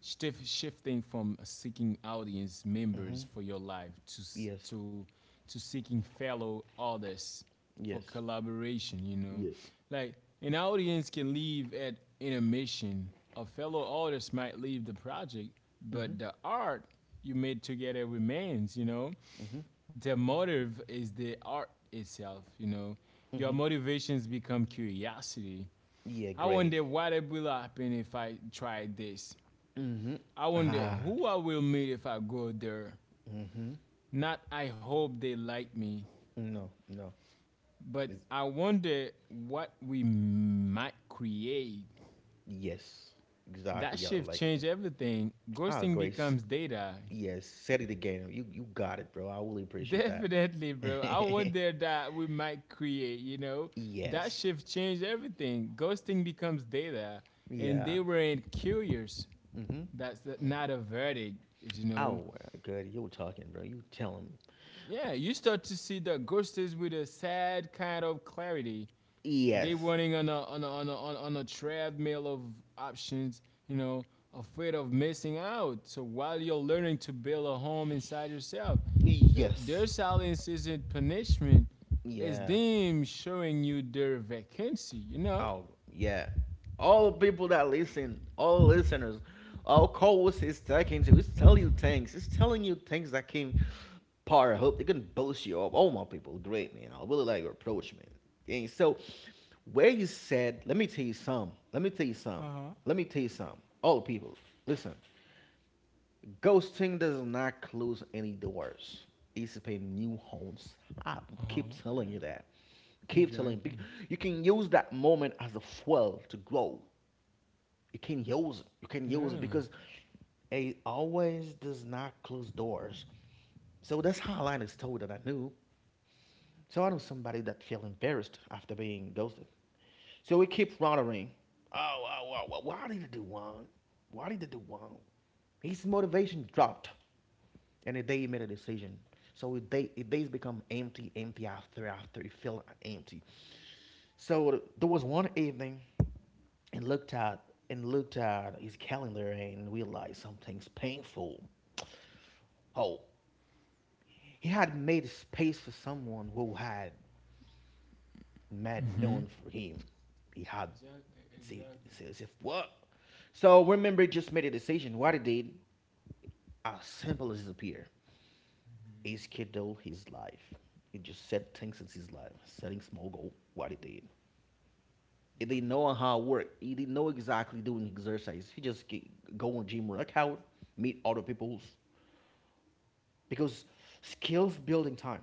S2: shifting from seeking audience
S1: Mhm.
S2: members for your life
S1: Yes.
S2: to seeking fellow artists for
S1: Yes.
S2: collaboration. You know,
S1: Yes.
S2: like an audience can leave at intermission. A fellow artist might leave the project, but
S1: Mhm.
S2: the art you made together remains. You know,
S1: Mhm.
S2: their motive is the art itself, you know. Your
S1: Mhm.
S2: motivations become curiosity.
S1: Yeah.
S2: I
S1: Great.
S2: wonder what it will happen if I try this.
S1: Mhm.
S2: I wonder
S1: Ah.
S2: who I will meet if I go there.
S1: Mhm.
S2: Not I hope they like me,
S1: No. No.
S2: but
S1: It's
S2: I wonder what we might create.
S1: Yes,
S2: That
S1: exactly. Yeah,
S2: shift
S1: like,
S2: changed everything.
S1: ah,
S2: Ghosting
S1: Grace.
S2: becomes data.
S1: Yes, said it again. You got it, bro. I really
S2: (laughs)
S1: appreciate that.
S2: Definitely, bro. I
S1: (laughs)
S2: wonder that we might create, you know? That
S1: Yes.
S2: shift changed everything. Ghosting becomes data, and
S1: Yeah.
S2: they weren't curious.
S1: Mm-hmm.
S2: That's not a verdict, you know?
S1: Oh, good. You were talking, bro. You tell him.
S2: Yeah, you start to see the ghosters with a sad kind of clarity. They
S1: Yes.
S2: running on a treadmill of options, you know, afraid of missing out. So while you're learning to build a home inside yourself, so their
S1: Yes.
S2: silence isn't punishment; it's
S1: Yeah.
S2: them showing you their vacancy. You know.
S1: Oh yeah, all people that listen, all listeners, all co-hosts is talking to. It's telling you things. It's telling you things that can power up. It can boost you up. Oh my people, great man. I really like your approach, man. And so, where you said, let me tell you some. Let me tell you some. Let me tell you some. All people, listen. Ghosting does not close any doors. It's a new homes. I keep
S2: Uh-huh.
S1: telling you that.
S2: Yeah.
S1: Keep telling you.
S2: Exactly.
S1: You can use that moment as a fuel to grow. You can use it. You can use it
S2: Yeah.
S1: because it always does not close doors. So that's how I was told that I knew. So I know somebody that feel embarrassed after being ghosted. So we keep wondering, oh, oh, oh, oh, why did he do one? Why did he do one? His motivation dropped and the day you made a decision. So it day it days become empty, empty after you felt empty. So there was one evening, and looked at and looked at his calendar and realized something's painful. Oh, he had made space for someone who had made
S2: Mm-hmm.
S1: known for him. He had
S2: Exactly. Exactly.
S1: it's as if what? So remember, he just made a decision. What he did, as simple as it appear, he scheduled his life. He just set things in his life, setting small goal, what he did. He didn't know how it worked. He didn't know exactly doing exercise. He just go on gym workout, meet other people's, because skills building time.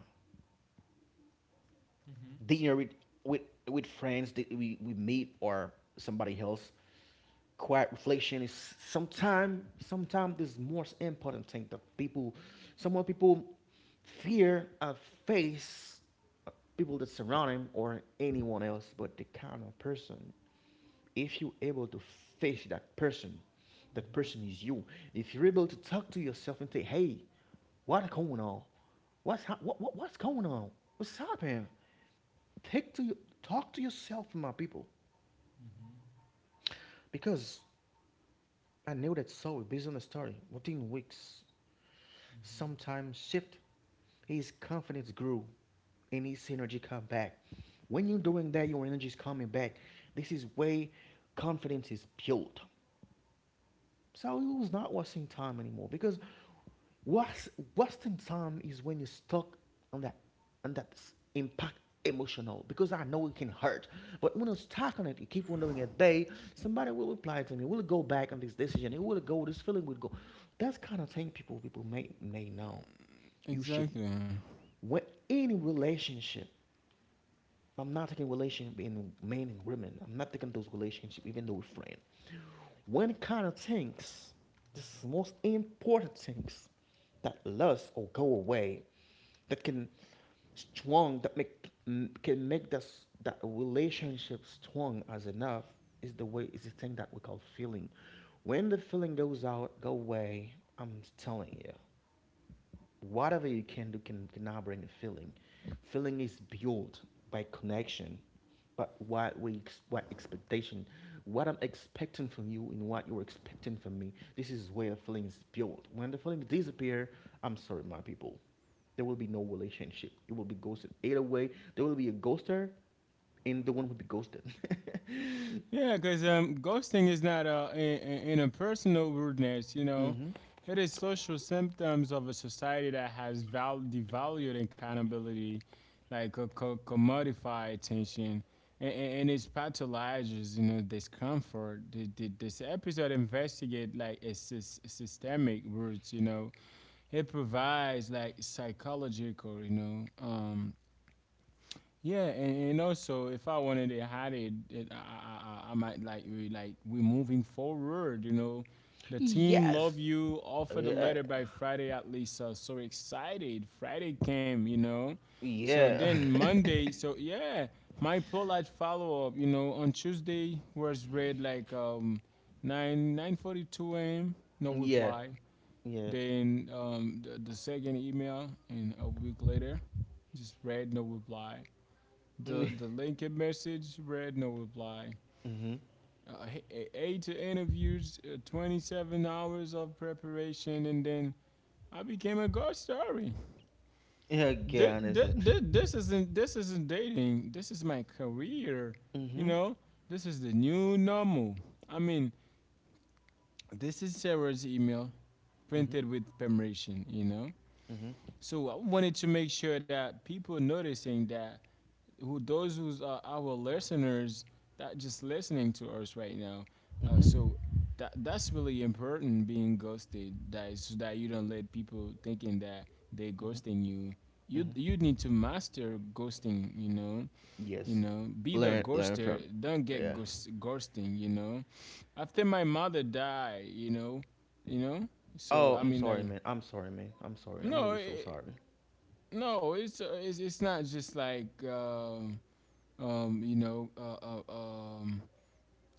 S2: Mm-hmm.
S1: Dinner with with friends that we meet or somebody else. Quiet reflection is sometimes this most important thing that people, some more people fear and face, uh, people that surround him or anyone else, but the kind of person, if you're able to face that person is you. If you're able to talk to yourself and say, "Hey, what's going on? What's what's going on? What's happening? Take to you, talk to yourself, my people, because I knew that Saul based on the story. Within weeks, sometimes shift, his confidence grew, and his energy come back. When you're doing that, your energy is coming back. This is way confidence is built. Saudi was not wasting time anymore because was, wasting time is when you're stuck on that on that impact emotional because I know it can hurt. But when you're stuck on it, you keep wondering at day, somebody will reply to me, will it go back on this decision, it will go, this feeling will go. That's kind of thing people may know.
S2: Mm-hmm.
S1: You should
S2: Exactly.
S1: when any relationship, I'm not taking relationship in men and women. I'm not taking those relationships, even though we're friends. One kind of things, this is the most important things that lust or go away, that can strong, that make can make this that relationship strong as enough is the way is the thing that we call feeling. When the feeling goes out, go away. I'm telling you, whatever you can do can now bring a feeling. Feeling is built by connection, but what we what expectation, what I'm expecting from you and what you're expecting from me. This is where the feeling is built. When the feelings disappear, I'm sorry, my people, there will be no relationship. It will be ghosted. Either way, there will be a ghoster, and the one will be ghosted.
S2: Yeah, because ghosting is not in a personal rudeness, you
S1: (laughs)
S2: know.
S1: hmm
S2: It is social symptoms of a society that has devalued accountability, like a commodify attention, and it pathologizes, you know, discomfort. This episode investigate like a systemic roots, you know. It provides like psychological, you know, yeah. And also if I wanted to hide it, I might like, we like we're moving forward. You know, the team
S1: Yes.
S2: love you. Offer the
S1: Yeah.
S2: letter by Friday at least. So so excited. Friday came. You know, so
S1: Yeah.
S2: then Monday. So yeah, my polite follow up. You know, on Tuesday was read like nine nine forty two a.m. No
S1: (laughs) yeah.
S2: reply.
S1: Yeah.
S2: Then the second email and a week later, just read no reply. The
S1: (laughs)
S2: LinkedIn message read no reply.
S1: hmm
S2: Uh, Eight interviews, 27 hours of preparation, and then I became a ghost story.
S1: Yeah,
S2: Th-
S1: Gyan is
S2: th-
S1: it.
S2: th- this isn't this isn't dating. This is my career. You
S1: Mm-hmm.
S2: know, this is the new normal. I mean, this is Sarah's email
S1: Mm-hmm.
S2: printed with permission. You know,
S1: Mm-hmm.
S2: so I wanted to make sure that people noticing that who those who's our listeners that just listening to us right now. Uh,
S1: Mm-hmm.
S2: so that that's really important being ghosted. That is so that you don't let people thinking that they
S1: Mm-hmm.
S2: ghosting you. You
S1: Mm-hmm.
S2: need to master ghosting. You
S1: Yes.
S2: know, be the
S1: Learn
S2: ghoster.
S1: from,
S2: Don't get
S1: yeah.
S2: ghosting. You know, after my mother died, you know, you know. So
S1: Oh,
S2: I
S1: I'm
S2: mean,
S1: sorry,
S2: like
S1: man. I'm sorry, man. I'm sorry. I'm
S2: no,
S1: really so
S2: it,
S1: sorry.
S2: no, it's not just like. You know, uh, um,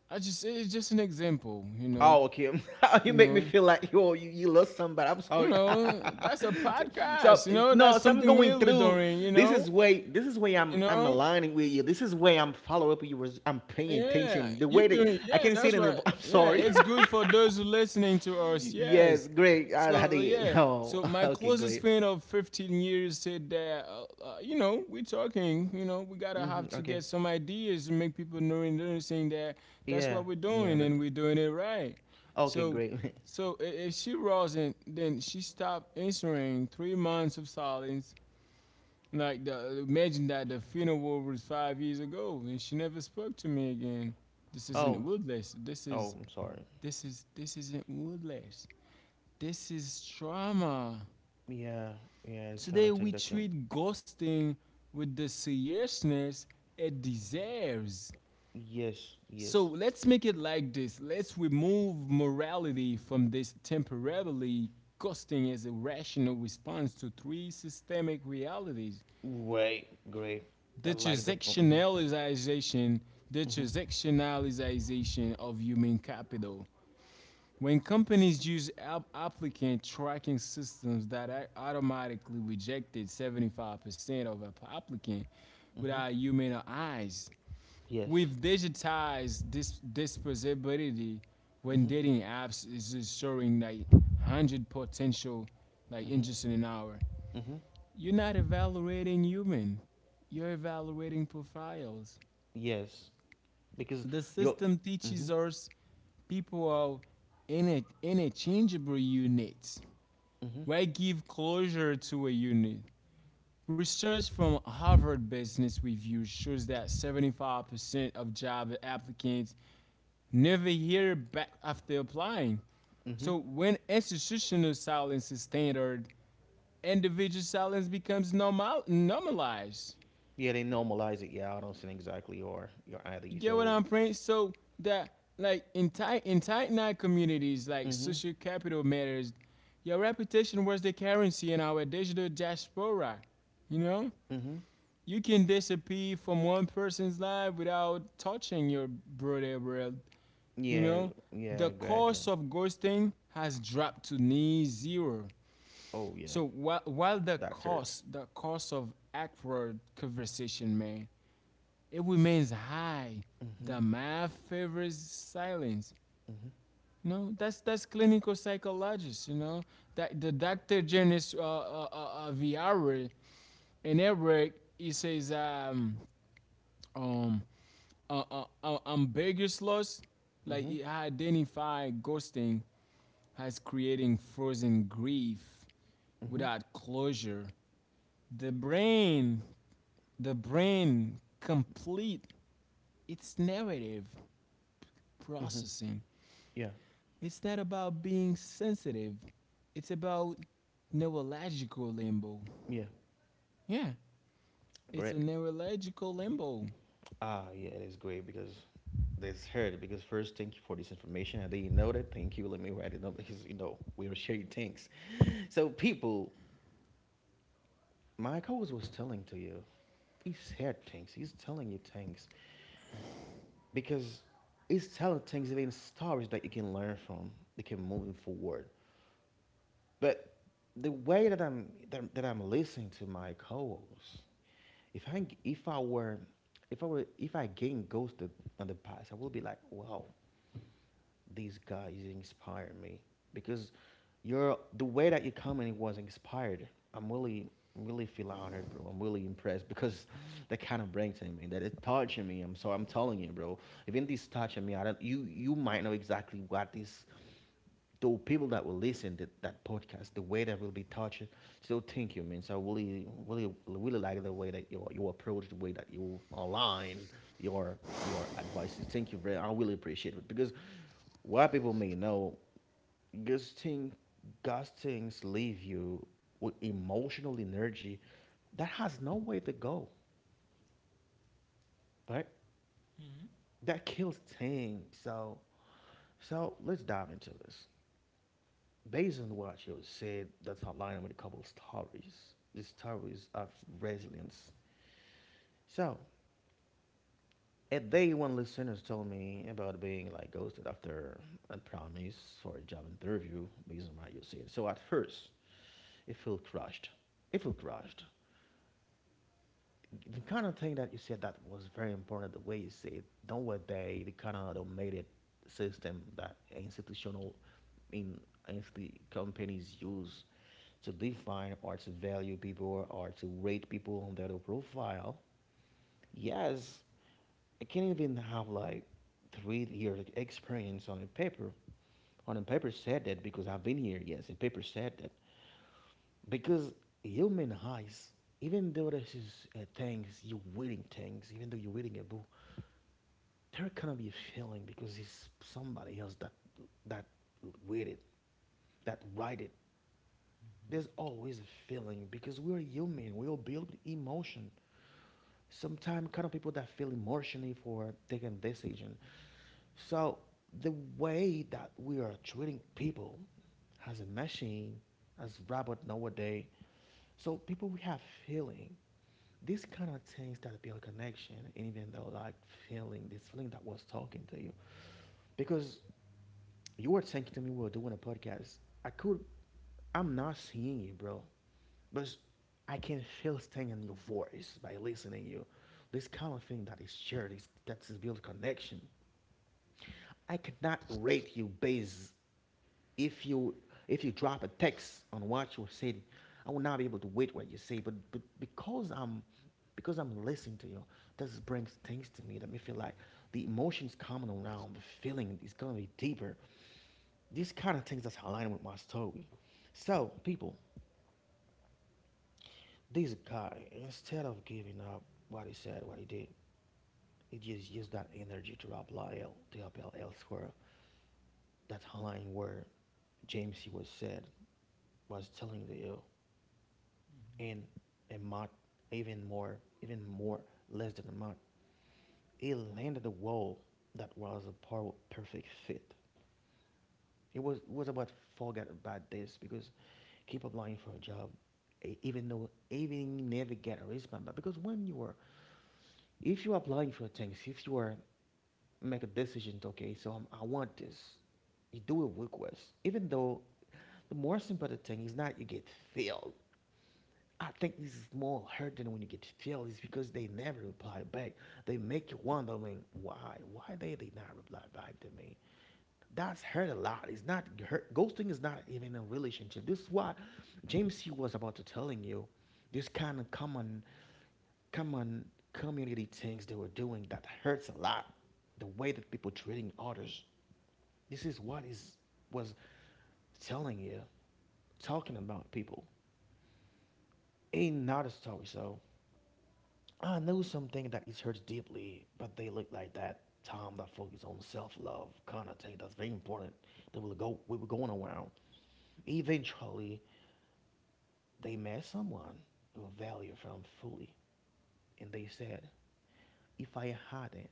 S2: I just it's just an example. You know,
S1: Oh, okay. (laughs) you
S2: you
S1: make me
S2: know,
S1: feel like yo, you lost somebody. I'm
S2: you
S1: sorry.
S2: know. That's a
S1: (laughs)
S2: podcast.
S1: so
S2: You know, that's
S1: no, so I'm
S2: something
S1: going
S2: weird we're
S1: through.
S2: doing. You
S1: This
S2: know,
S1: is way. This is way
S2: you
S1: I'm
S2: know.
S1: aligning with you. This is way I'm follow up with you. Was- I'm paying
S2: Yeah,
S1: attention. The
S2: you
S1: way that
S2: doing?
S1: I
S2: Yeah,
S1: can see it
S2: that's
S1: in the
S2: right.
S1: vo- (laughs) I'm
S2: Yeah,
S1: sorry.
S2: it's good for those who listening to us.
S1: Yes,
S2: Yes.
S1: great. I
S2: So
S1: did.
S2: yeah,
S1: Oh,
S2: so
S1: (laughs)
S2: my
S1: okay,
S2: closest
S1: great.
S2: friend of 15 years said that you know we're talking. You know we gotta have
S1: Hmm,
S2: to
S1: okay.
S2: get some ideas and make people know and noticing that that's
S1: Yeah,
S2: what we're
S1: yeah, I
S2: doing and
S1: understand.
S2: we're doing it right.
S1: Okay,
S2: So
S1: great.
S2: so if she wasn't, then she stopped answering. Three months of silence. Like, the, imagine that the funeral was five years ago, and she never spoke to me again. This
S1: (laughs) oh,
S2: isn't Woodless. This
S1: oh,
S2: is
S1: I'm sorry.
S2: this isn't Woodless. This is trauma.
S1: Yeah, yeah, I kind of
S2: Today
S1: take
S2: we
S1: that. Can-
S2: treat ghosting with the seriousness it deserves.
S1: yes,
S2: So
S1: yes.
S2: let's make it like this. Let's remove morality from this temporarily, ghosting as a rational response to three systemic realities.
S1: Wait, great. I
S2: The
S1: like the. Mm-hmm,
S2: transactionalization, the
S1: mm-hmm,
S2: transactionalization of human capital. When companies use applicant tracking systems that automatically rejected 75% of applicants
S1: mm-hmm.
S2: without human eyes,
S1: Yes.
S2: we've digitized this disposability when
S1: Mm-hmm,
S2: dating apps is showing like 100 potential like
S1: mm-hmm,
S2: interests in an hour.
S1: mm-hmm.
S2: You're not evaluating human, you're evaluating profiles.
S1: Yes. Because
S2: The
S1: you're.
S2: system
S1: Mm-hmm,
S2: teaches us people are in interchangeable units.
S1: mm-hmm,
S2: Why give closure to a unit? Research from Harvard Business Review shows that 75% of job applicants never hear back after applying.
S1: mm-hmm.
S2: So when institutional silence is standard, individual silence becomes normalized.
S1: Yeah, they normalize it. Yeah, I don't see exactly your
S2: You
S1: ID.
S2: get what
S1: So,
S2: I'm saying? So that like in tight knit communities, like
S1: mm-hmm,
S2: social capital matters. Your reputation was the currency in our digital diaspora. You know,
S1: mm-hmm.
S2: you can disappear from one person's life without touching your broader world. You
S1: Yeah,
S2: know, the
S1: yeah, gotcha.
S2: cost of ghosting has dropped to near zero.
S1: Oh yeah,
S2: So while
S1: that search.
S2: the cost of awkward conversation, man, it remains high.
S1: Mm-hmm.
S2: The math favors silence. You know, that's clinical psychologist. You know, that the Dr. Janice Viara in her work, he says um ambiguous loss, like
S1: Mm-hmm.
S2: it identify ghosting as creating frozen grief
S1: Mm-hmm.
S2: without closure. The brain, the brain complete its narrative
S1: Mm-hmm.
S2: processing.
S1: Yeah.
S2: It's not about being sensitive. It's about neurological limbo.
S1: Yeah.
S2: Yeah, it's a
S1: Great.
S2: neurological limbo.
S1: Ah, yeah, it is great because this heard because first thank you for this information. I didn't know that. Thank you. Let me write it down because you know we were sharing things. So people, my coach was telling to you, he said things. He's telling you things because he's telling things even stories that you can learn from. You can move forward. But the way that I'm that I'm listening to my co-hosts, if I were if I were if I getting ghosted on the past, I will be like, wow, these guys inspire me because you're the way that you your it was inspired. I'm really feel honored, bro. I'm really impressed because that kind of brings to me that it touching me. I'm so I'm telling you, bro. Even this touching me, I don't you might know exactly what this the people that will listen to that podcast, the way that will be touched, still thank you, man. So I really, really, really like the way that your approach, the way that you align your advices. Thank you very. I really appreciate it because while people may know, God's thing, God's things leave you with emotional energy that has no way to go, right? That kills things. So so let's dive into this. Based on what you said, that's outlined with a couple of stories. The stories of resilience. So, a day one listeners told me about being like ghosted after a promise for a job interview based on what you said. So at first, it felt crushed. It felt crushed. The kind of thing that you said that was very important the way you said don't were they the kind of automated system that institutional in insti- companies use to define or to value people or to rate people on their profile, yes, I can't even have like 3 years' experience on a paper said that because I've been here, yes, a paper said that because human eyes, even though this is things you're waiting things, even though you're waiting a boo, there cannot be a feeling because it's somebody else that waited, that write it. There's always a feeling because we're human. We all build emotion. Sometimes kind of people that feel emotionally for taking decision. So the way that we are treating people as a machine, as robot nowadays, so people we have feeling, these kind of things that build connection, and even though like feeling, this feeling that was talking to you, because you were saying to me we were doing a podcast. I could, I'm not seeing you, bro, but I can feel staying in your voice by listening to you. This kind of thing that is shared, is, that is build connection. I cannot rate you based if you if you drop a text on what you said. I will not be able to wait what you say, but because I'm listening to you, this brings things to me that me feel like the emotions coming around, the feeling is gonna be deeper. These kind of things that's aligned with my story. So people, this guy instead of giving up what he said, what he did, he just used that energy to apply elsewhere. That line where James he was said was telling the ill and a mock even more less than a mock he landed a wall that was a perfect fit. It was it was about forget about this because keep applying for a job, e- even though even never get a response but because when you are if you are applying for things if you are make a decision. Okay, so I'm, I want this. You do it request, even though the most important thing is not you get filled. I think this is more hurting when you get feel is because they never reply back. They make you wondering why they did not reply back to me. That's hurt a lot. It's not hurt. Ghosting is not even a relationship. This is what James C was about to telling you this kind of common community things they were doing that hurts a lot. The way that people treating others. This is what is was telling you, talking about people. Ain't not a story. So I know something that is hurt deeply, but they look like that Tom that focus on self-love kind of thing. That's very important. They will go. We were going around. Eventually, they met someone who valued them fully, and they said, "If I hadn't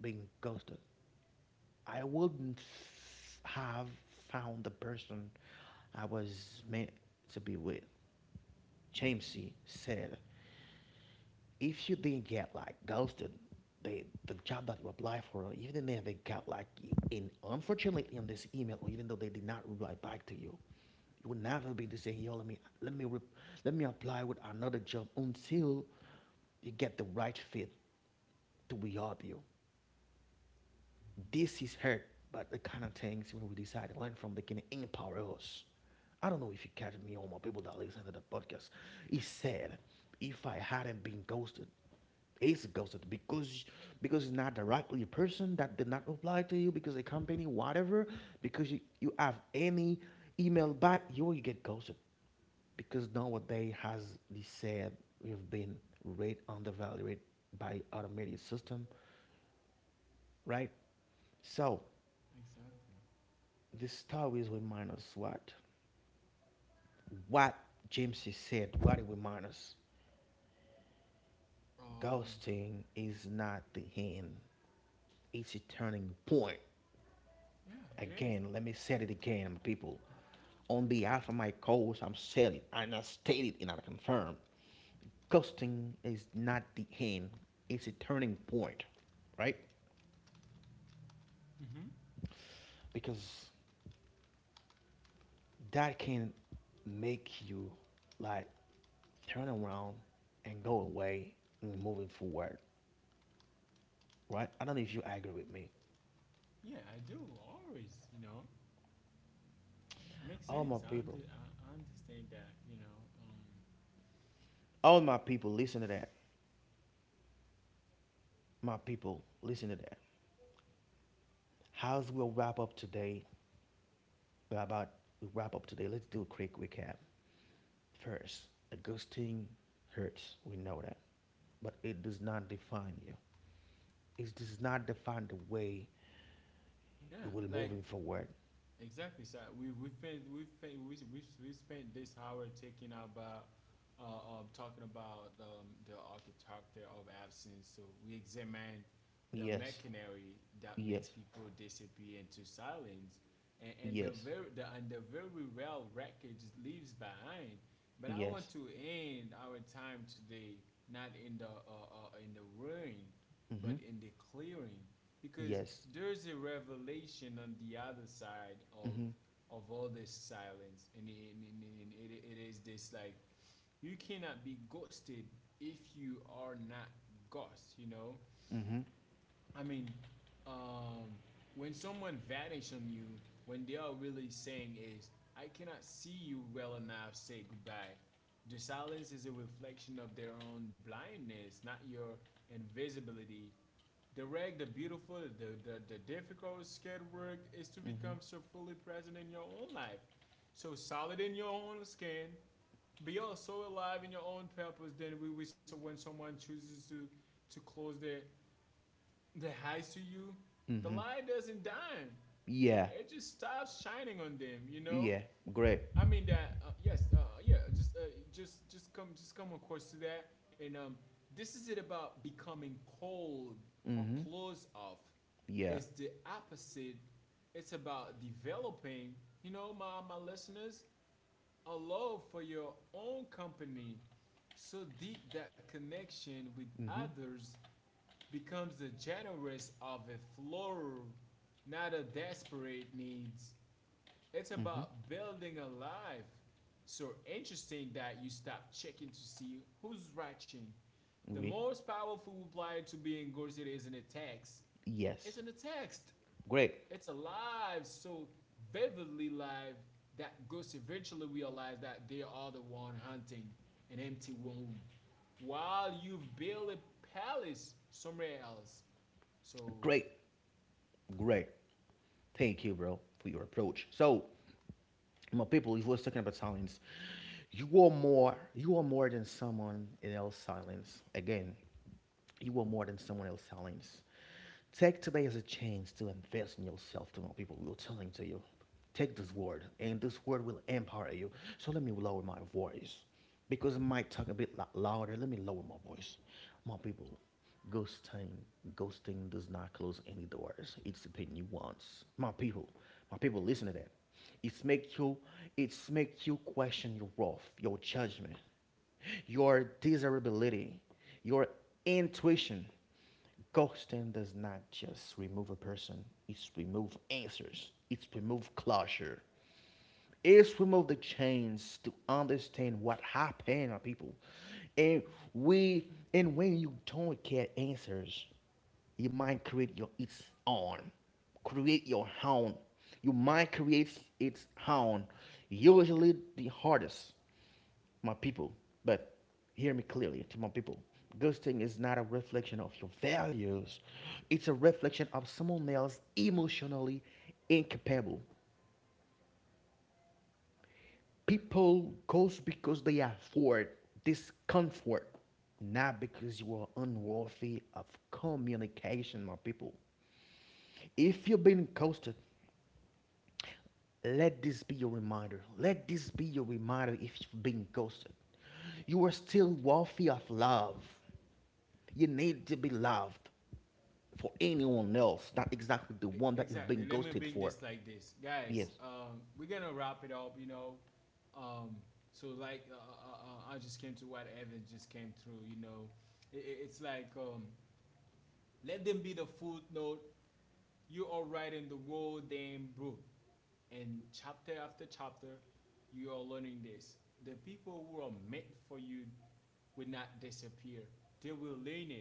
S1: been ghosted, I wouldn't have found the person I was meant to be with." James C. said, if you didn't get like ghosted the job that you apply for even if they got like in unfortunately in this email or even though they did not reply back to you, you would never be to say yo let me let me apply with another job until you get the right fit to be help you. This is hurt, but the kind of things when we decide to learn from, they can empower us. I don't know if you catch me or my people that listen to the podcast. He said, if I hadn't been ghosted, it's ghosted because it's not directly a person that did not reply to you because a company whatever because you have any email back you will get ghosted because nowadays has they said we've been rate undervalued by automated system, right? So
S2: Exactly.
S1: the stories remind us what? What James said, what it reminds us.
S2: Um.
S1: Ghosting is not the end, it's a turning point.
S2: Yeah, it is.
S1: Again, let me say it again, my people. On behalf of my co-host, I'm saying it, and I stated and I confirm. Ghosting is not the end, it's a turning point, right?
S2: Mhm.
S1: Because that can make you like turn around and go away and moving forward. Right? I don't know if you agree with me.
S2: Yeah, I do always. You know, makes
S1: All my
S2: sense.
S1: people,
S2: I understand that. You know.
S1: all my people, listen to that. My people, listen to that. How's we'll wrap up today? We're about we wrap up today. Let's do a quick recap. First, a ghosting hurts. We know that, but it does not define you. It does not define the way
S2: Yeah,
S1: you will
S2: like
S1: moving forward.
S2: Exactly, sir. We spent we spent we spent this hour taking about talking about the architecture of absence. So we examine the
S1: Yes,
S2: machinery that makes
S1: yes,
S2: people disappear into silence, and the
S1: yes,
S2: very the and the very real wreckage leaves behind. But I want
S1: yes.
S2: to end our time today not in the in the ruin, but
S1: Mm-hmm.
S2: in the clearing, because
S1: Yes.
S2: there's a revelation on the other side
S1: Mm-hmm.
S2: of all this silence. And, and it is this like you cannot be ghosted if you are not ghost, you know.
S1: Mm-hmm.
S2: I mean, um, when someone vanish on you, when they are really saying is I cannot see you well enough say goodbye. The silence is a reflection of their own blindness, not your invisibility. The beautiful, the difficult, scared work is to
S1: Mm-hmm.
S2: become so fully present in your own life, so solid in your own skin. Be also alive in your own purpose. Then we so when someone chooses to close their eyes to you, the
S1: Mm-hmm.
S2: light doesn't dim.
S1: Yeah.
S2: It just stops shining on them. You know,
S1: Yeah. Great.
S2: I mean that yes, yeah. Just come across to that, and this is it about becoming cold or
S1: Mm-hmm.
S2: closed off.
S1: Yeah.
S2: It's the opposite. It's about developing. You know, my listeners, a love for your own company, so deep that connection with
S1: Mm-hmm.
S2: others becomes the generous of a floral, not a desperate needs. It's
S1: Mm-hmm.
S2: about building a life. So interesting that you stop checking to see who's watching. The
S1: We.
S2: most powerful reply to being ghosted isn't a text. It's in
S1: Yes.
S2: a text.
S1: Great.
S2: It's alive, so vividly live that ghosts eventually realize that they are the one hunting an empty womb. While you've built a palace somewhere else. So
S1: Great. Great. Thank you, bro, for your approach. So, my people, if we're talking about silence, you are more than someone else's silence. Again, you are more than someone else's silence. Take today as a chance to invest in yourself to my people. We're telling to you. Take this word, and this word will empower you. So let me lower my voice. Because I might talk a bit louder. Let me lower my voice. My people. Ghosting, ghosting does not close any doors. It's the nuance. My people, listen to that. It's make you, it's make you question your worth, your judgment, your desirability, your intuition. Ghosting does not just remove a person; it's remove answers. It's remove closure is remove the chains to understand what happened to people. And we and when you don't get answers, you might create your its own. Create your own. You might create its own. Usually the hardest, my people. But hear me clearly to my people. Ghosting is not a reflection of your values. It's a reflection of someone else emotionally incapable. People goes because they afford discomfort, not because you are unworthy of communication, my people. If you've been ghosted, let this be your reminder. Let this be your reminder if you've been ghosted. You are still worthy of love. You need to be loved for anyone else, not exactly the one that you've
S2: Exactly.
S1: been
S2: Let me
S1: ghosted
S2: bring this
S1: for.
S2: like this, guys.
S1: Yes.
S2: We're gonna wrap it up. You know, um, so like I just came to what Evans just came through. You know, it's like let them be the footnote. You are writing the whole damn book, and chapter after chapter, you are learning this. The people who are meant for you will not disappear. They will learn it.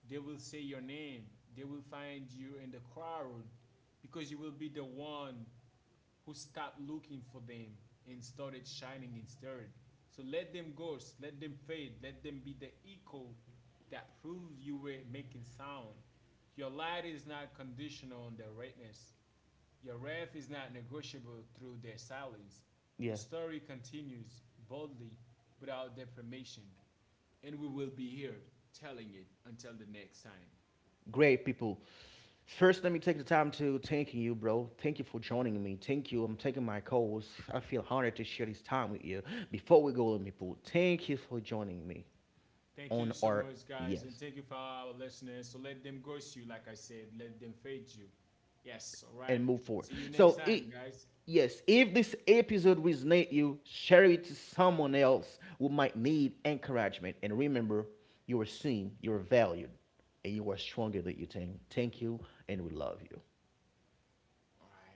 S2: They will say your name. They will find you in the crowd because you will be the one who stopped looking for them and started shining instead. So let them ghost, let them fade, let them be the echo that proves you were making sound. Your light is not conditional on their redness. Your wrath is not negotiable through their silence. Your
S1: Yeah.
S2: story continues boldly without defamation, and we will be here telling it until the next time.
S1: Great people. First, let me take the time to thanking you, bro. Thank you for joining me. Thank you. I'm taking my calls. I feel honored to share this time with you. Before we go, let me pull. Thank you for joining me
S2: Thank you
S1: on
S2: so much, guys, and
S1: RBS
S2: thank you for our listeners. So let them ghost you, like I said, let them fade you. Yes, all right.
S1: and move
S2: See
S1: forward.
S2: you next
S1: So,
S2: time,
S1: it,
S2: guys.
S1: yes, if this episode resonate you, share it to someone else who might need encouragement. And remember, you are seen, you are valued, and you are stronger than you think. Thank you, and we love you.
S2: All right.